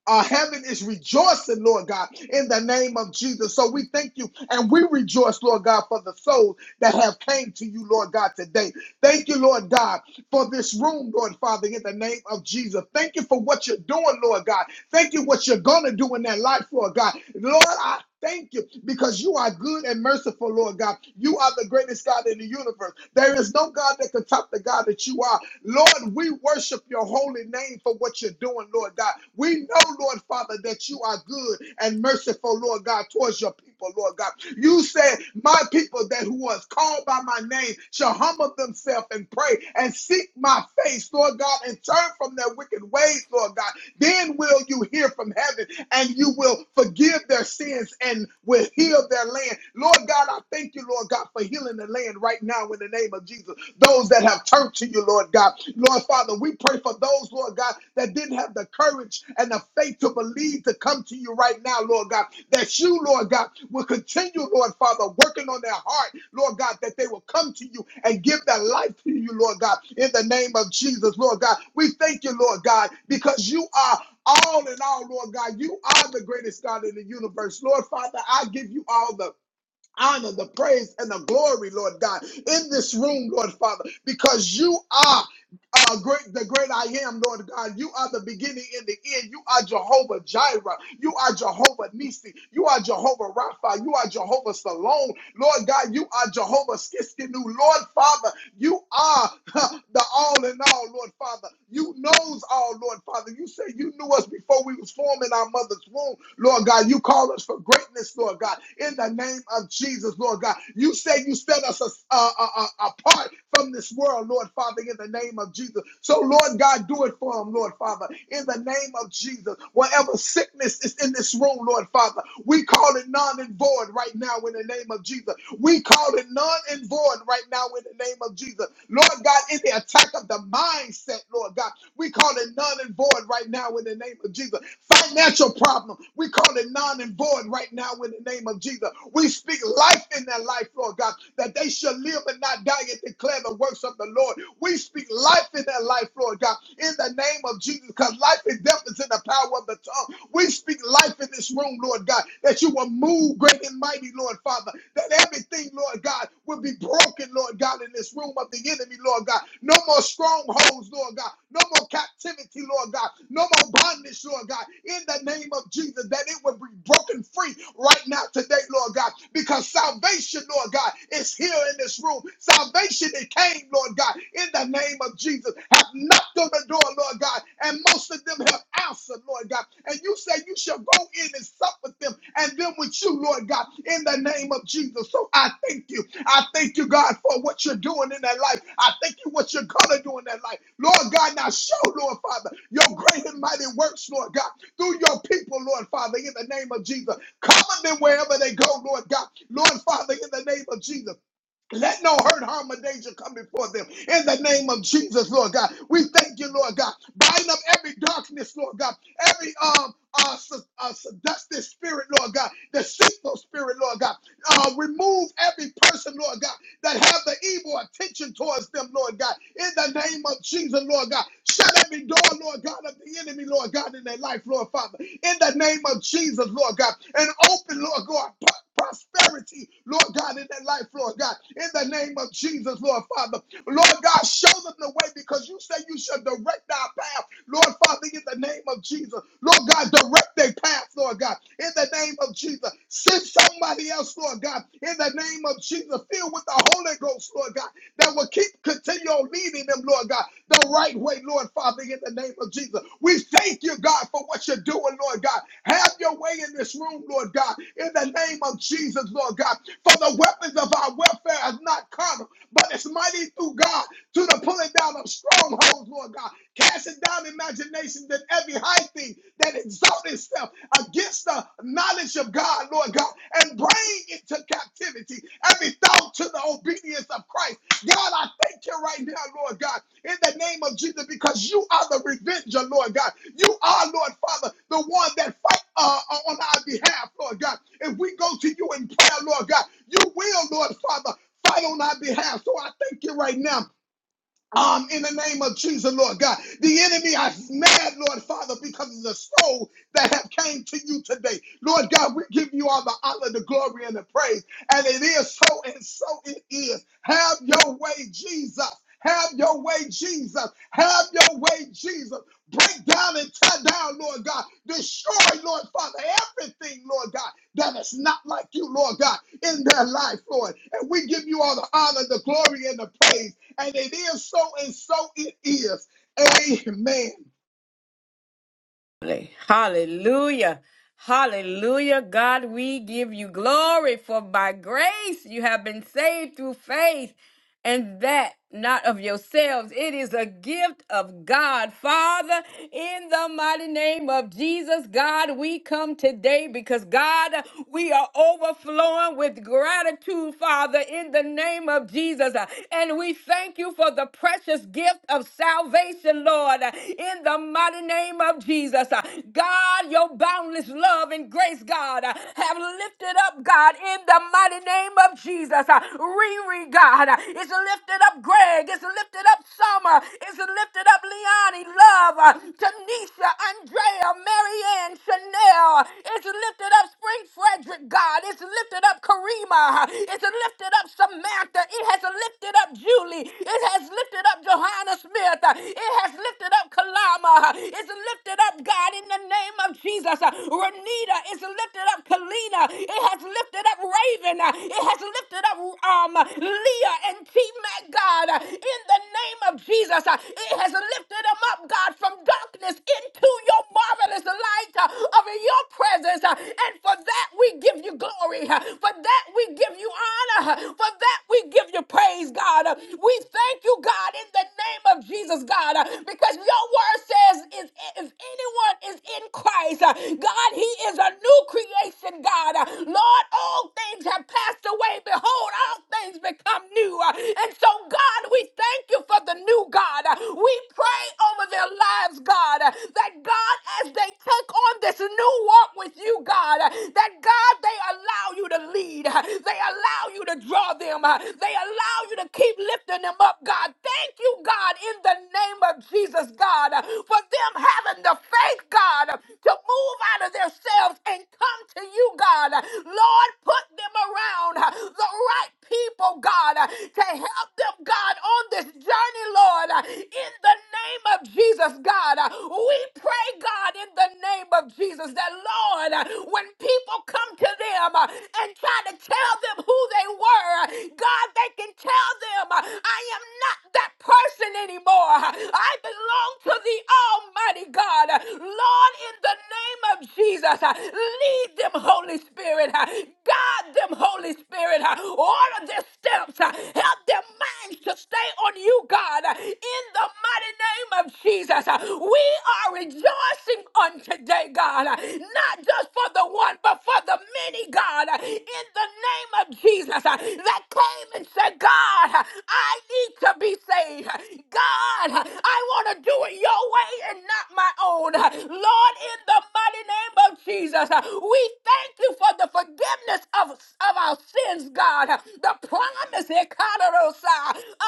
our heaven is rejoicing, Lord God, in the name of Jesus. So we thank you and we rejoice, Lord God, for the souls that have came to you, Lord God, today. Thank you, Lord God for this room, Lord Father, in the name of Jesus. Thank you for what you're doing, Lord God. Thank you what you're going to do in that life, Lord God. Lord, I thank you because you are good and merciful, Lord God. You are the greatest God in the universe. There is no God that can top the God that you are. Lord, we worship your holy name for what you're doing, Lord God. We know, Lord Father, that you are good and merciful, Lord God, towards towards your people, Lord God. You said, My people that who was called by my name shall humble themselves and pray and seek my face, Lord God, and turn from their wicked ways, Lord God. Then will you hear from heaven and you will forgive their sins and will heal their land. Lord God, I thank you, Lord God, for healing the land right now in the name of Jesus. Those that have turned to you, Lord God. Lord Father, Father, we pray for those, Lord God, that didn't have the courage and the faith to believe to come to you right now, Lord God. That you, Lord God, will continue, Lord Father, working on their heart, Lord God, that they will come to you and give their life to you, Lord God, in the name of Jesus, Lord God. We thank you, Lord God, because you are all in all, Lord God. You are the greatest God in the universe. Lord Father, I give you all the honor, the praise, and the glory, Lord God, in this room, Lord Father, because you are uh, great, the great I am, Lord God. You are the beginning and the end. You are Jehovah Jireh. You are Jehovah Nisi. You are Jehovah Rapha. You are Jehovah Salome. Lord God, you are Jehovah Skiskinu. Lord Father, you are huh, the all in all, Lord Father. You knows all, Lord Father. You say you knew us before we was forming our mother our mother's womb, Lord God. You call us for greatness, Lord God. In the name of Jesus, Lord God. You say you set us as- uh, uh, uh, apart from this world, Lord Father, in the name of Jesus. So, Lord God, do it for them, Lord Father, in the name of Jesus. Whatever sickness is in this room, Lord Father, we call it non and void right now in the name of Jesus. We call it none and void right now in the name of Jesus. Lord God, in the attack of the mindset, Lord God, we call it none and void right now in the name of Jesus. Financial problem, we call it none and void right now in the name of Jesus. We speak life in their life, Lord God, that they shall live and not die and declare the works of the Lord. We speak life in that life, Lord God, in the name of Jesus, because life and death is in the power of the tongue. We speak life in this room, Lord God, that you will move great and mighty, Lord Father, that everything, Lord God, will be broken, Lord God, in this room of the enemy, Lord God. No more strongholds, Lord God. No more captivity, Lord God. No more bondage, Lord God. In the name of Jesus, that it will be broken free right now today, Lord God, because because salvation, Lord God, is here in this room. Salvation, it came, Lord God, in the name of Jesus. Have knocked on the door, Lord God, and most of them have answered, Lord God. And you say you shall go in and sup with them and them with you, Lord God, in the name of Jesus. So I thank you. I thank you, God, for what you're doing in their life. I thank you what you're gonna do in their life. Lord God, now show, Lord Father, your great and mighty works, Lord God, through your people, Lord Father, in the name of Jesus. Cover them wherever they go, Lord God. Lord Father, in the name of Jesus. Let no hurt, harm, or danger come before them. In the name of Jesus, Lord God, we thank you, Lord God. Bind up every darkness, Lord God. Every um, uh, se- uh, seductive spirit, Lord God. Deceitful spirit, Lord God. Uh, remove every person, Lord God, that have the evil attention towards them, Lord God. In the name of Jesus, Lord God. Shut every door, Lord God, of the enemy, Lord God, in their life, Lord Father in the name of Jesus, Lord God, and open, Lord God, prosperity, Lord God, in their life, Lord God, in the name of Jesus, Lord Father. Lord God, show them the way because you say you shall direct our path, Lord Father, in the name of Jesus. Lord God, direct their path, Lord God, in the name of Jesus. Send somebody else, Lord God, in the name of Jesus. Fill with the Holy Ghost, Lord God that will keep continue on leading them, Lord God, the right way, Lord Father, in the name of Jesus. We thank you, God, for what you're doing, Lord God. Have your way in this room, Lord God, in the name of Jesus, Lord God. For the weapons of our warfare is not carnal, but it's mighty through God to the pulling down of strongholds, Lord God, casting down imaginations and every high thing that exalts itself against the knowledge of God, Lord God, and bring into captivity every thought to the obedience of Christ God, I thank you right now, Lord God, in the name of Jesus, because you are the revenger, Lord God. You are, Lord Father, the one that fight uh, uh, on our behalf, Lord God. If we go to you in prayer, Lord God, you will, Lord Father, fight on our behalf. So I thank you right now um, in the name of Jesus, Lord God. The enemy is mad, Lord Father, because of the soul that have came to you today. Lord God, we give you all the honor, the glory, and the praise. And it is so, and so it is. Have your way, Jesus. Have your way, Jesus. Have your way, Jesus. Break down and tear down, Lord God. Destroy, Lord Father, everything, Lord God, that is not like you, Lord God, in their life, Lord. And we give you all the honor, the glory, and the praise. And it is so, and so it is. Amen.
Hallelujah. Hallelujah. God, we give you glory for by grace you have been saved through faith. and that not of yourselves. It is a gift of God. Father, in the mighty name of Jesus, God, we come today because, God, we are overflowing with gratitude, Father, in the name of Jesus. And we thank you for the precious gift of salvation, Lord, in the mighty name of Jesus. God, your boundless love and grace, God, have lifted up, God, in the mighty mighty name of Jesus. Uh, Riri, God, uh, it's lifted up Greg, is lifted up Summer, is lifted up Leonie, Love, uh, Tanisha, Andrea, Marianne, Chanel, Is lifted up Spring Frederick, God, is lifted up Karima, uh, is lifted up Samantha, it has lifted up Julie, it has lifted up Johanna Smith, uh, it has lifted up Kalama, uh, it's lifted up, God, in the name of Jesus. Uh, Renita is lifted up Kalina. It has lifted up Raven. It has lifted up um Leah and T Mac God. In the name of Jesus, it has lifted them up, God, from darkness into your marvelous light uh, of your presence. uh, And for that we give you glory. uh, For that we give you honor. uh, For that we give you praise, God. Uh, We thank you, God, in the name of Jesus, God, uh, because your word says, "If is anyone oh, for the new God. We pray over them that God, as they look on this new up God, that allow you lead them. Keep lifting them up the name of Jesus, God, uh, for them having the faith, God, uh, to move out of themselves and come to you, God. Uh, Lord, put them around uh, the right people, God, uh, to help them, God, on this journey, Lord, uh, in the name of Jesus, God. Uh, We pray, God, in the name of Jesus, that, Lord, uh, when people come to them uh, and try to tell them who they were, uh, God, they can tell them, uh, I did steps. Mind to stay on you, God, in the mountain, God, not but in the name, God, I need to be God, I'm not my own. In the mighty name of Jesus, we thank you for the forgiveness of, of our son, the forgiveness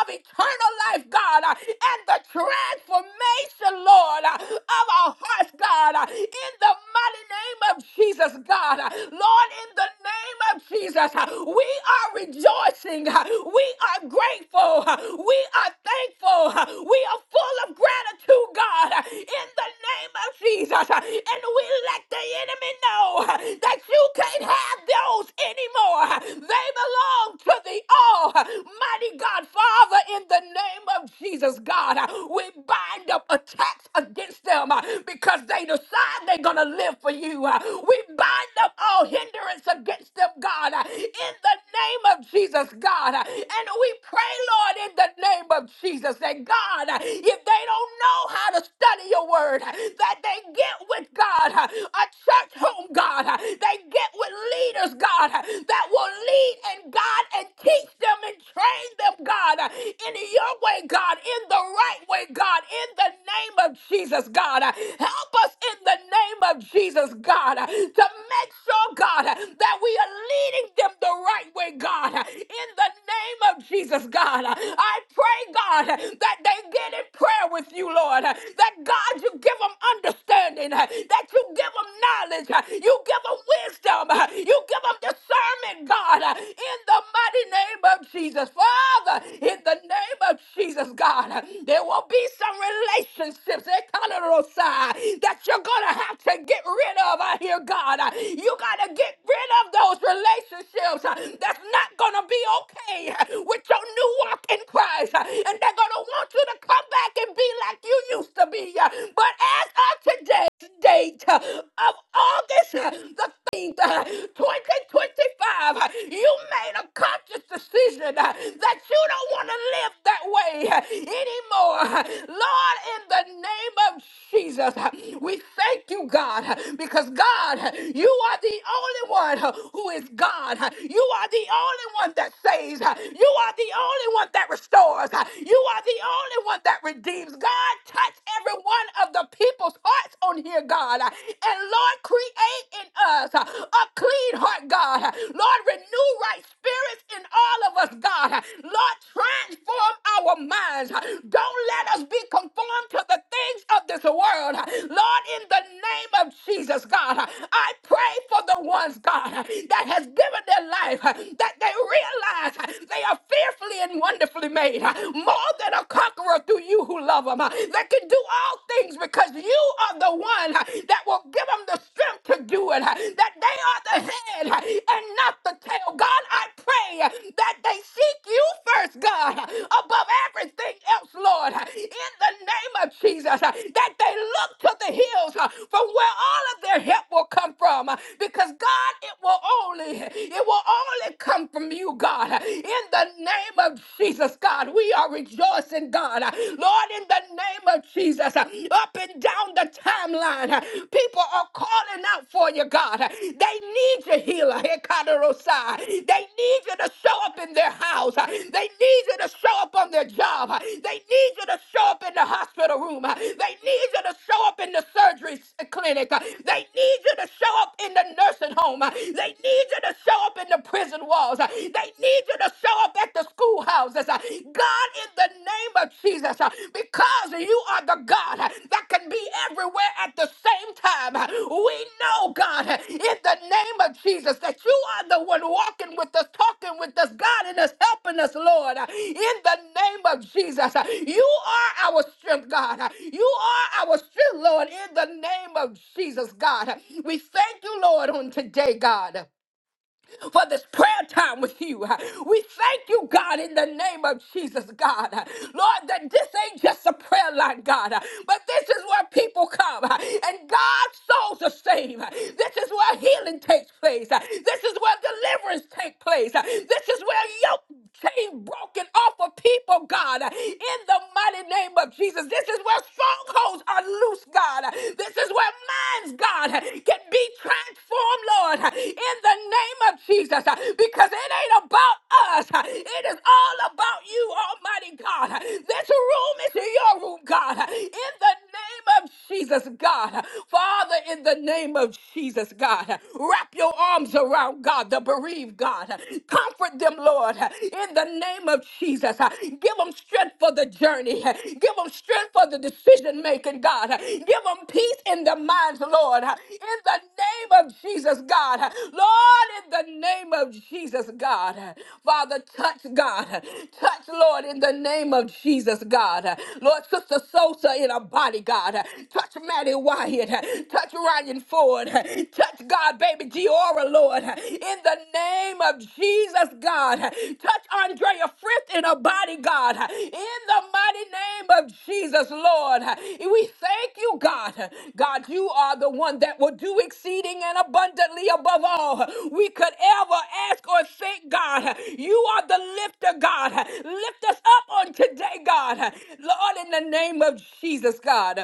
of eternal life, God, and the transformation, Lord, of our hearts, God, in the mighty name of Jesus, God. Lord, in the name of Jesus, uh, we are rejoicing. uh, We are grateful. uh, We are thankful. uh, We are full of gratitude, God, uh, in the name of Jesus. uh, And we let the enemy know uh, that you can't have those anymore. uh, They belong to the Almighty God, Father, in the name of Jesus, God. uh, We bind up attacks against them uh, because they decide they're going to live for you. uh, We bind up all hindrance against them, God, uh, in the name of Jesus, God. uh, And we pray, Lord, in the name of Jesus, that God, uh, if they don't know how to study your word, uh, that they get with God, uh, a church home, God, uh, they get with leaders, God, uh, that will lead and God and teach them and train them, God, uh, in your way, God, in the right way, God, in the name of Jesus, God. Uh, Help us in the name of Jesus, God, to make sure, God, that we are leading them the right way, God. In the name of Jesus, God, I pray, God, that they get in prayer with you, Lord. That, God, you give them understanding, that you give them knowledge, you give them wisdom, you give them discernment, God, in the mighty name of Jesus. Father, in the name of Jesus, God. God. There will be some relationships eh, Kalarosa, that you're going to have to get rid of I hear God. You got to get rid of those relationships uh, that's not going to be okay uh, with your new walk in Christ. uh, And they're going to want you to come back and be like you used to be. uh, But as of today's date uh, of August uh, the 13th, uh, 2025, uh, you made a conscious decision decision uh, that you don't want to live that way uh, anymore. Lord, in the name of Jesus, uh, we thank you, God, uh, because God, uh, you are the only one uh, who is God. Uh, You are the only one that saves. Uh, You are the only one that restores. Uh, You are the only one that redeems. God, touch every one of the people's hearts on here, God. Uh, And Lord, create in us uh, a clean heart, God. Lord, renew right spirits in all of us, God. Lord, transform our minds. Don't let us be conformed to the things of this world. Lord, in the name of Jesus, God, I pray for the ones, God, that has given their life, that they realize they are fearfully and wonderfully made, more than a conqueror through you who love them. They can do all things because you are the one one uh, that will give them the strength to do it, uh, that they are the head uh, and not the tail. God, I pray uh, that they seek you first, God, uh, above everything else, Lord, uh, in the name of Jesus, uh, that they look to the hills uh, from where all of their help will come from, uh, because God, it will only, it will only come from you, God, uh, in the name of Jesus, God. We are rejoicing, God. Uh, Lord, Lord, in the name of Jesus, uh, up and down the timeline, uh, people are calling out for you, God. Uh, They need you, healer. Hekaterosai. They need you to show up in their house. Uh, They need you to show up on their job. Uh, They need you to show up in the hospital room. Uh, They need you to show up in the surgery s- clinic. Uh, They need you to show up in the nursing home. Uh, They need you to show up in the prison walls. Uh, They need you to show show up at the schoolhouses. uh, God, in the name of Jesus, uh, because you are the God uh, that can be everywhere at the same time. Uh, We know, God, uh, in the name of Jesus, that you are the one walking with us, talking with us, guiding us, helping us, Lord. uh, In the name of Jesus, Uh, you are our strength, God. Uh, You are our strength, Lord, in the name of Jesus, God. Uh, We thank you, Lord, on today, God for this prayer time with you. We thank you, God, in the name of that your chain broken off of people in the mighty name of Jesus. This is where souls are, loose, God. This is where money can be in the name of Jesus uh, because it ain't about us. uh, It is all about you, Almighty God. Uh, This room is your room, God. Uh, In the name of Jesus, God. Uh, Father, in the name of Jesus, God. uh, Wrap your arms around God, the bereaved God. Uh, Comfort them, Lord in the name of Jesus. Uh, Give them strength for the journey. Uh, Give them strength for the decision making, God. Uh, Give them peace in their minds, Lord. Uh, In the name of Jesus, God. Uh, Lord, in the name of Jesus, God. Uh, Father, touch, God. Uh, Touch, Lord, in the name of Jesus, God. Uh, Lord, Sister Sosa in her body, God. Uh, Touch Maddie Wyatt. Uh, Touch Ryan Ford. Uh, Touch God, baby Giora, Lord. In the name of Jesus, God. Touch Andrea Frith in her body, God. In the mighty name of Jesus, Lord. We thank you, God. God, you are the one that will do exceeding and abundantly above all we could ever ask or think, God. You are the lifter, God. Lift us up on today, God. Lord, in the name of Jesus, God.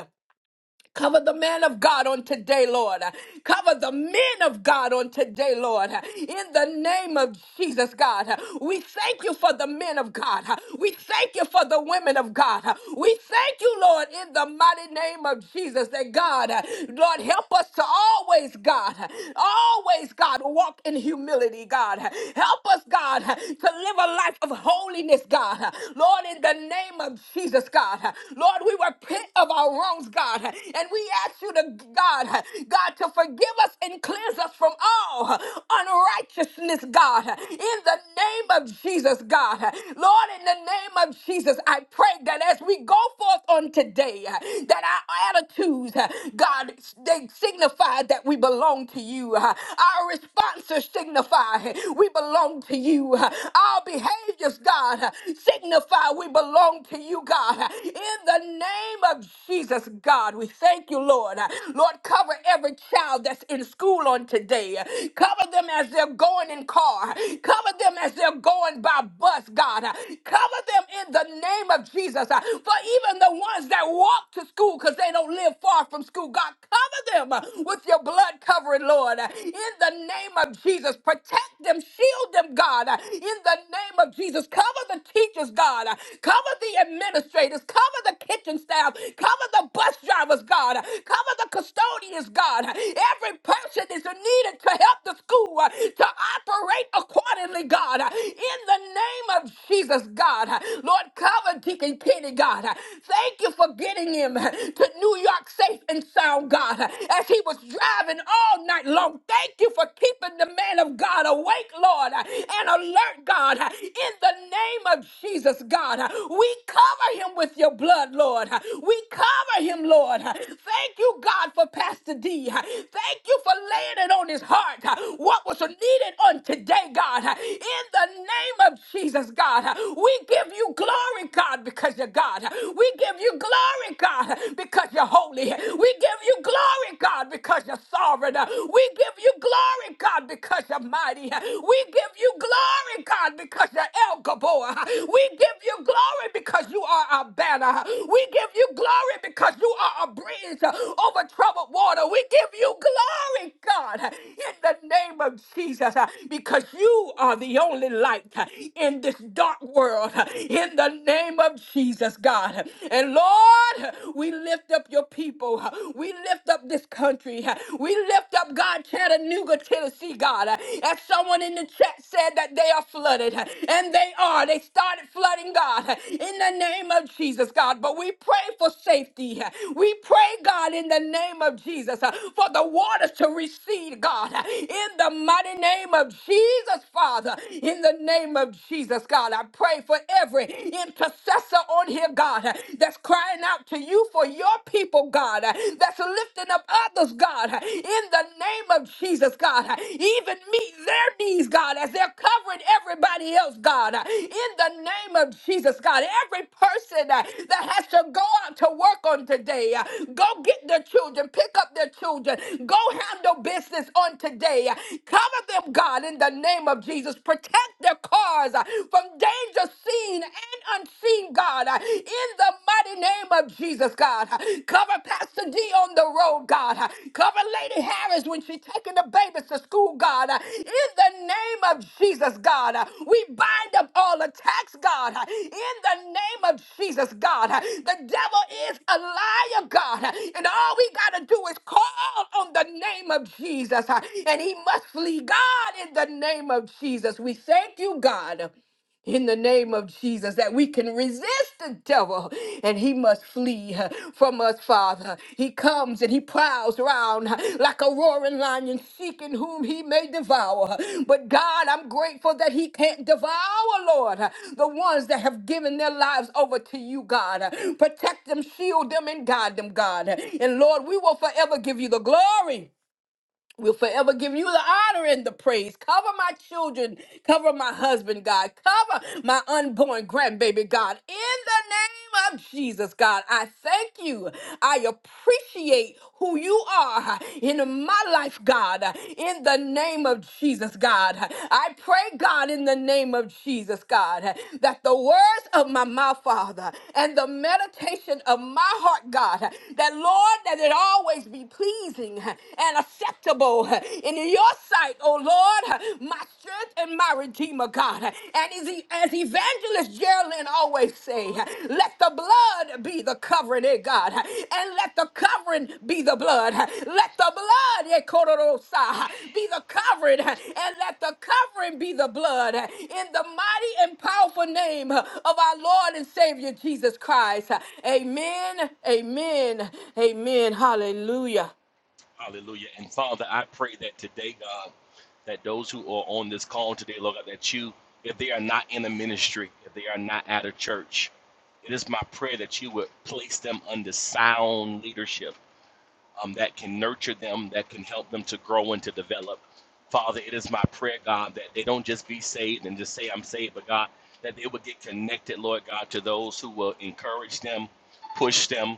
Cover the man of God on today, Lord. Cover the men of God on today, Lord. In the name of Jesus, God. We thank you for the men of God. We thank you for the women of God. We thank you, Lord, in the mighty name of Jesus, that God, Lord, help us to always, God, always, God, walk in humility, God. Help us, God, to live a life of holiness, God. Lord, in the name of Jesus, God. Lord, Lord, we repent of our wrongs, God, and we ask you to, God, God, to forgive us and cleanse us from all unrighteousness, God, in the name of Jesus, God. Lord, in the name of Jesus, I pray that as we go forth on today, that our attitudes, God, they signify that we belong to you. Our responses signify we belong to you. Our behaviors, God, signify God. We belong to you, God. In the name of Jesus, God, we thank you, Lord. Lord, cover every child that's in school on today. Cover them as they're going in car. Cover them as they're going by bus, God. Cover them in the name of Jesus. For even the ones that walk to school because they don't live far from school, God, cover them with your blood covering, Lord. In the name of Jesus, protect them, shield them, God. In the name of Jesus. Cover the teachers, God. Cover the administrators. Cover the kitchen staff. Cover the bus drivers, God. Cover the custodians, God. Every person is needed to help the school uh, to operate accordingly, God. In the name of Jesus, God. Lord, cover Deacon Kenny, God. Thank you for getting him to New York safe and sound, God, as he was driving all night long. Thank you for keeping the man of God. God. Awake, Lord, and alert, God, in the name of Jesus, God. We cover him with your blood, Lord. We cover him, Lord. Thank you, God, for Pastor D. Thank you for laying it on his heart, what was needed on today, God. In the name of Jesus, God, we give you glory, God, because you're God. We give you glory, God, because you're holy. We give you glory, God, because you're sovereign. We give you glory, God, because you're mighty. We give you glory, God, because you're El Gabor. We give you glory because you are our banner. We give you glory because you are a bridge over troubled water. We give you glory, God, in the name of Jesus, because you are the only light in this dark world. In the name of Jesus, God. And Lord, we lift up your people. We. We lift up this country. We lift up God, Chattanooga, Tennessee, God. As someone in the chat said that they are flooded, and they are. They started flooding, God, in the name of Jesus, God. But we pray for safety. We pray, God, in the name of Jesus, for the waters to recede, God, in the mighty name of Jesus, Father. In the name of Jesus, God, I pray for every intercessor on here, God, that's crying out out to you for your people, God, uh, that's lifting up others, God, uh, in the name of Jesus, God. uh, Even meet their needs, God, as they're covering everybody else, God, uh, in the name of Jesus, God. Every person uh, that has to go out to work on today, uh, go get their children, pick up their children, go handle business on today. uh, Cover them, God, in the name of Jesus. Protect their cars uh, from danger seen and unseen seen, God, uh, in the mighty name of Jesus, God. Uh, Cover Pastor D on the road, God. Uh, Cover Lady Harris when she's taking the babies to school, God. Uh, In the name of Jesus, God, uh, we bind up all attacks, God. Uh, In the name of Jesus, God, Uh, the devil is a liar, God. Uh, And all we got to do is call on the name of Jesus, Uh, and he must flee, God, in the name of Jesus. We thank you, God in the name of Jesus that we can resist the devil and he must flee uh, from us, Father. He comes and he prowls around uh, like a roaring lion seeking whom he may devour. But God, I'm grateful that he can't devour, Lord, uh, the ones that have given their lives over to you, God. Uh, Protect them, shield them, and guide them, God. Uh, And Lord, we will forever give you the glory. We'll forever give you the honor and the praise. Cover my children. Cover my husband, God. Cover my unborn grandbaby, God. In the name of Jesus, God, I thank you. I appreciate who you are in my life, God. In the name of Jesus, God. I pray, God, in the name of Jesus, God, that the words of my mouth, Father, and the meditation of my heart, God, that Lord, that that it always be pleasing and acceptable in your sight, O Lord, my strength and my redeemer, God. And as, E- as evangelist Geraldine always say, let the blood be the covering, eh, God, and let the covering be the blood. Let the blood, eh, Kororosa, be the covering, and let the covering be the blood. In the mighty and powerful name of our Lord and Savior Jesus Christ. Amen, amen, Amen. Hallelujah.
Hallelujah. And Father, I pray that today, God, that those who are on this call today, Lord God, that you, if they are not in a ministry, if they are not at a church, it is my prayer that you would place them under sound leadership um, that can nurture them, that can help them to grow and to develop. Father, it is my prayer, God, that they don't just be saved and just say, I'm saved, but God, that they would get connected, Lord God, to those who will encourage them, push them,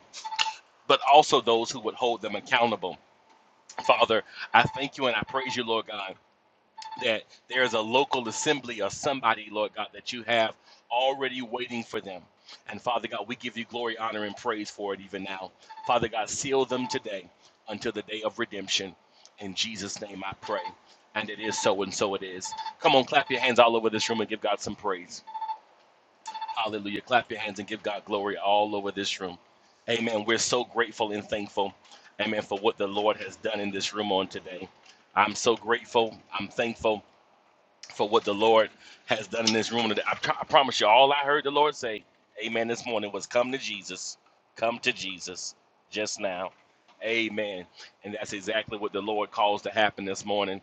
but also those who would hold them accountable Father, I thank you and I praise you, Lord God, that there is a local assembly of somebody, Lord God, that you have already waiting for them. And Father God, we give you glory, honor, and praise for it even now. Father God, seal them today until the day of redemption. In Jesus' name I pray. And it is so, and so it is. Come on, clap your hands all over this room and give God some praise. Hallelujah. Clap your hands and give God glory all over this room. Amen. We're so grateful and thankful. Amen. For what the Lord has done in this room on today. I'm so grateful. I'm thankful for what the Lord has done in this room today. I, pro- I promise you, all I heard the Lord say, Amen, this morning was come to Jesus. Come to Jesus just now. Amen. And that's exactly what the Lord calls to happen this morning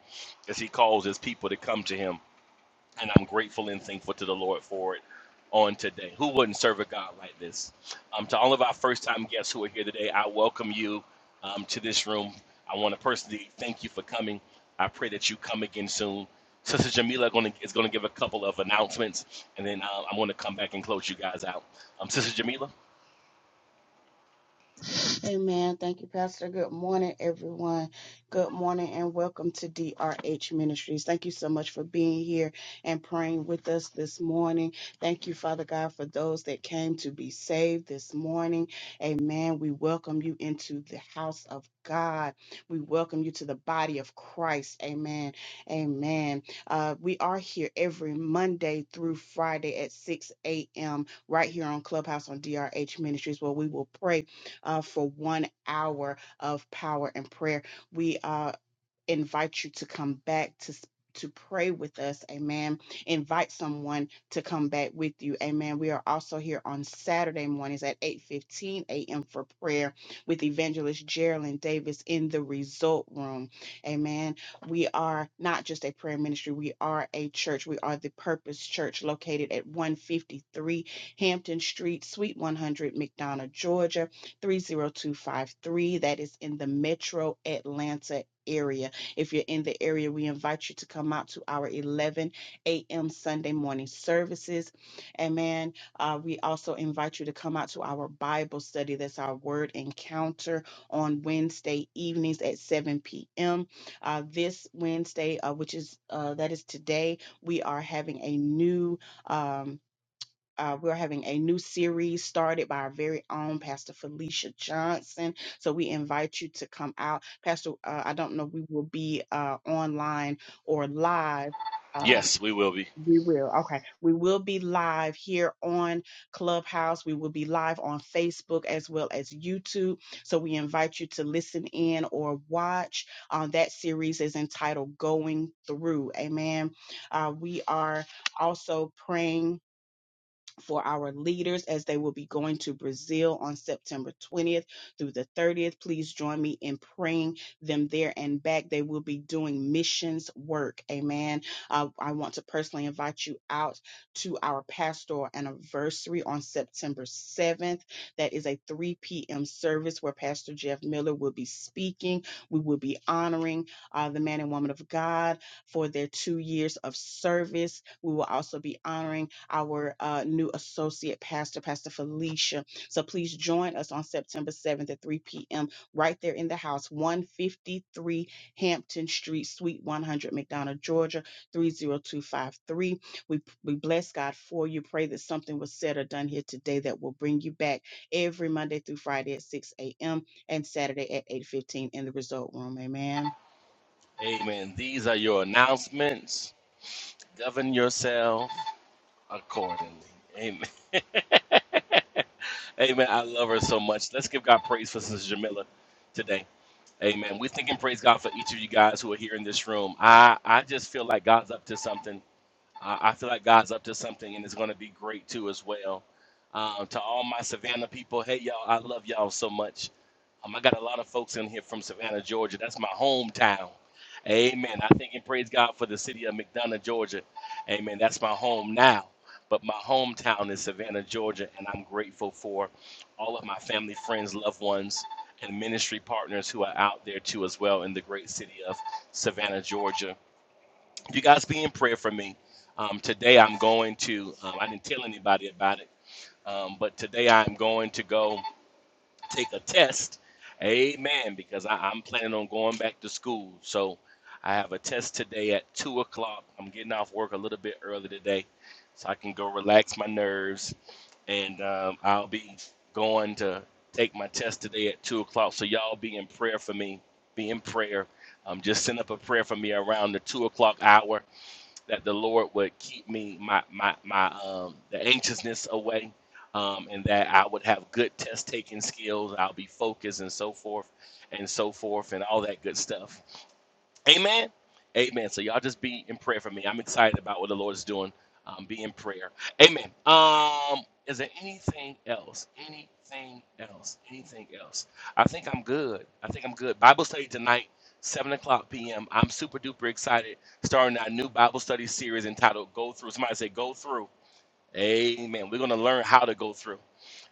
as He calls His people to come to Him and I'm grateful and thankful to the Lord for it on today. Who wouldn't serve a God like this? Um, to all of our first time guests who are here today, I welcome you um, to this room. I want to personally thank you for coming. I pray that you come again soon. Sister Jamila gonna, is going to give a couple of announcements, and then uh, I'm going to come back and close you guys out. Um, Sister Jamila?
Amen. Thank you, Pastor. Good morning, everyone. Good morning and welcome to DRH Ministries. Thank you so much for being here and praying with us this morning. Thank you, Father God, for those that came to be saved this morning. Amen. We welcome you into the house of God. We welcome you to the body of Christ. Amen. Amen. Uh, we are here every Monday through Friday at 6 a.m. right here on Clubhouse on DRH Ministries where we will pray uh, for one hour of power and prayer. We uh, invite you to come back to s- to pray with us amen invite someone to come back with you amen we are also here on saturday mornings at 8 15 a.m for prayer with evangelist geraldine davis in the result room amen we are not just a prayer ministry we are a church we are the purpose church located at 153 hampton street suite 100 mcdonough georgia 30253 that is in the metro atlanta area if you're in the area, we invite you to come out to our 11 a.m. Sunday morning services. Amen. Uh, we also invite you to come out to our Bible study. That's our word encounter on Wednesday evenings at 7 p.m. Uh, this Wednesday, uh, which is uh, that is today, we are having a new. um, uh, we're having a new series started by our very own Pastor Felicia Johnson. So we invite you to come out. Pastor, uh, I don't know, we will be uh, online or live. Uh,
Yes, we will be.
we will. Okay. We will be live here on Clubhouse. We will be live on Facebook as well as YouTube. So we invite you to listen in or watch. Uh, that series is entitled Going Through. Amen. Uh, we are also praying for our leaders as they will be going to Brazil on September 20th through the 30th. Please join me in praying them there and back. They will be doing missions work. Amen. Uh, I want to personally invite you out to our pastoral anniversary on September 7th. That is a 3 p.m. service where Pastor Jeff Miller will be speaking. We will be honoring uh, the man and woman of God for their two years of service. We will also be honoring our uh, new associate pastor, Pastor Felicia. So please join us on September 7th at 3 p.m. right there in the house, 153 Hampton Street, Suite 100, McDonough, Georgia, 30253. We, we bless God for you. Pray that something was said or done here today that will bring you back every Monday through Friday at 6 a.m. and Saturday at 8.15 in the result room. Amen.
Amen. These are your announcements. Govern yourself accordingly. Amen. Amen. I love her so much. Let's give God praise for Sister Jamila today. Amen. We're thinking praise God for each of you guys who are here in this room. I, I just feel like God's up to something. I, I feel like God's up to something and it's going to be great too as well. Um, to all my Savannah people, hey y'all, I love y'all so much. Um, I got a lot of folks in here from Savannah, Georgia. That's my hometown. Amen. I thank and praise God for the city of McDonough, Georgia. Amen. That's my home now. But my hometown is Savannah, Georgia, and I'm grateful for all of my family, friends, loved ones, and ministry partners who are out there too as well in the great city of Savannah, Georgia you guys be in prayer for me. Um, today I'm going to, um, I didn't tell anybody about it, um, but today I'm going to go take a test. Amen. Because I, I'm planning on going back to school. So I have a test today at 2 o'clock. I'm getting off work a little bit early today so I can go relax my nerves. And um, I'll be going to take my test today at 2 o'clock. So y'all be in prayer for me. Be in prayer. Um, just send up a prayer for me around the 2 o'clock hour that the Lord would keep me my my my um the anxiousness away, um, and that I would have good test taking skills. I'll be focused and so forth, and so forth, and all that good stuff. Amen. Amen. So y'all just be in prayer for me. I'm excited about what the Lord is doing. Um, be in prayer. Amen. Um, is there anything else? Anything else? Anything else? I think I'm good. I think I'm good. Bible study tonight, seven o'clock p.m. I'm super duper excited. Starting our new Bible study series entitled "Go Through." Somebody say "Go Through." Amen. We're gonna learn how to go through.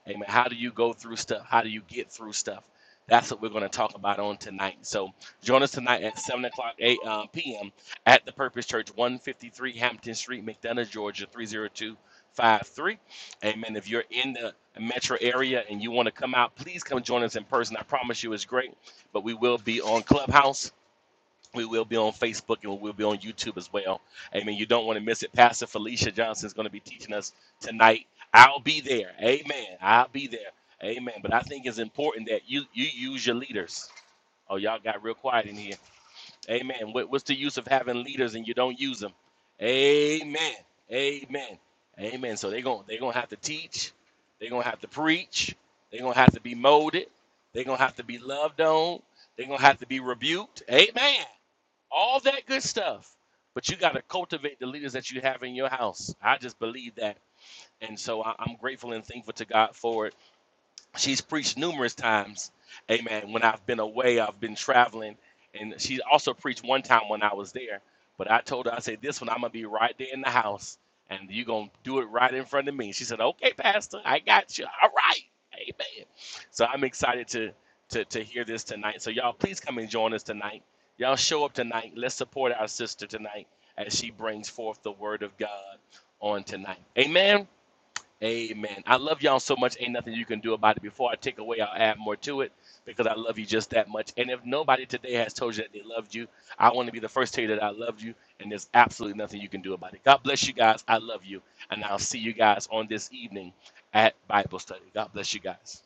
Amen. How do you go through stuff? How do you get through stuff? That's what we're going to talk about on tonight. So join us tonight at 7 o'clock uh, p.m. at the Purpose Church, 153 Hampton Street, McDonough, Georgia, 30253. Amen. If you're in the metro area and you want to come out, please come join us in person. I promise you it's great, but we will be on Clubhouse. We will be on Facebook and we will be on YouTube as well. Amen. You don't want to miss it. Pastor Felicia Johnson is going to be teaching us tonight. I'll be there. Amen. I'll be there. Amen. But I think it's important that you you use your leaders. Oh, y'all got real quiet in here. Amen. What, what's the use of having leaders and you don't use them? Amen. Amen. Amen. So they're going they're going to have to teach. They're going to have to preach. They're going to have to be molded. They're going to have to be loved on. They're going to have to be rebuked. Amen all that good stuff. But you got to cultivate the leaders that you have in your house. I just believe that. And so I, I'm grateful and thankful to God for it she's preached numerous times. Amen. When I've been away, I've been traveling, and she also preached one time when I was there. But I told her, I said, "This one I'm gonna be right there in the house, and you're gonna do it right in front of me." She said, "Okay, Pastor, I got you. All right, Amen." So I'm excited to to to hear this tonight. So y'all, please come and join us tonight. Y'all show up tonight. Let's support our sister tonight as she brings forth the word of God on tonight. Amen. Amen. I love y'all so much. Ain't nothing you can do about it. Before I take away, I'll add more to it because I love you just that much. And if nobody today has told you that they loved you, I want to be the first to tell you that I loved you. And there's absolutely nothing you can do about it. God bless you guys. I love you. And I'll see you guys on this evening at Bible study. God bless you guys.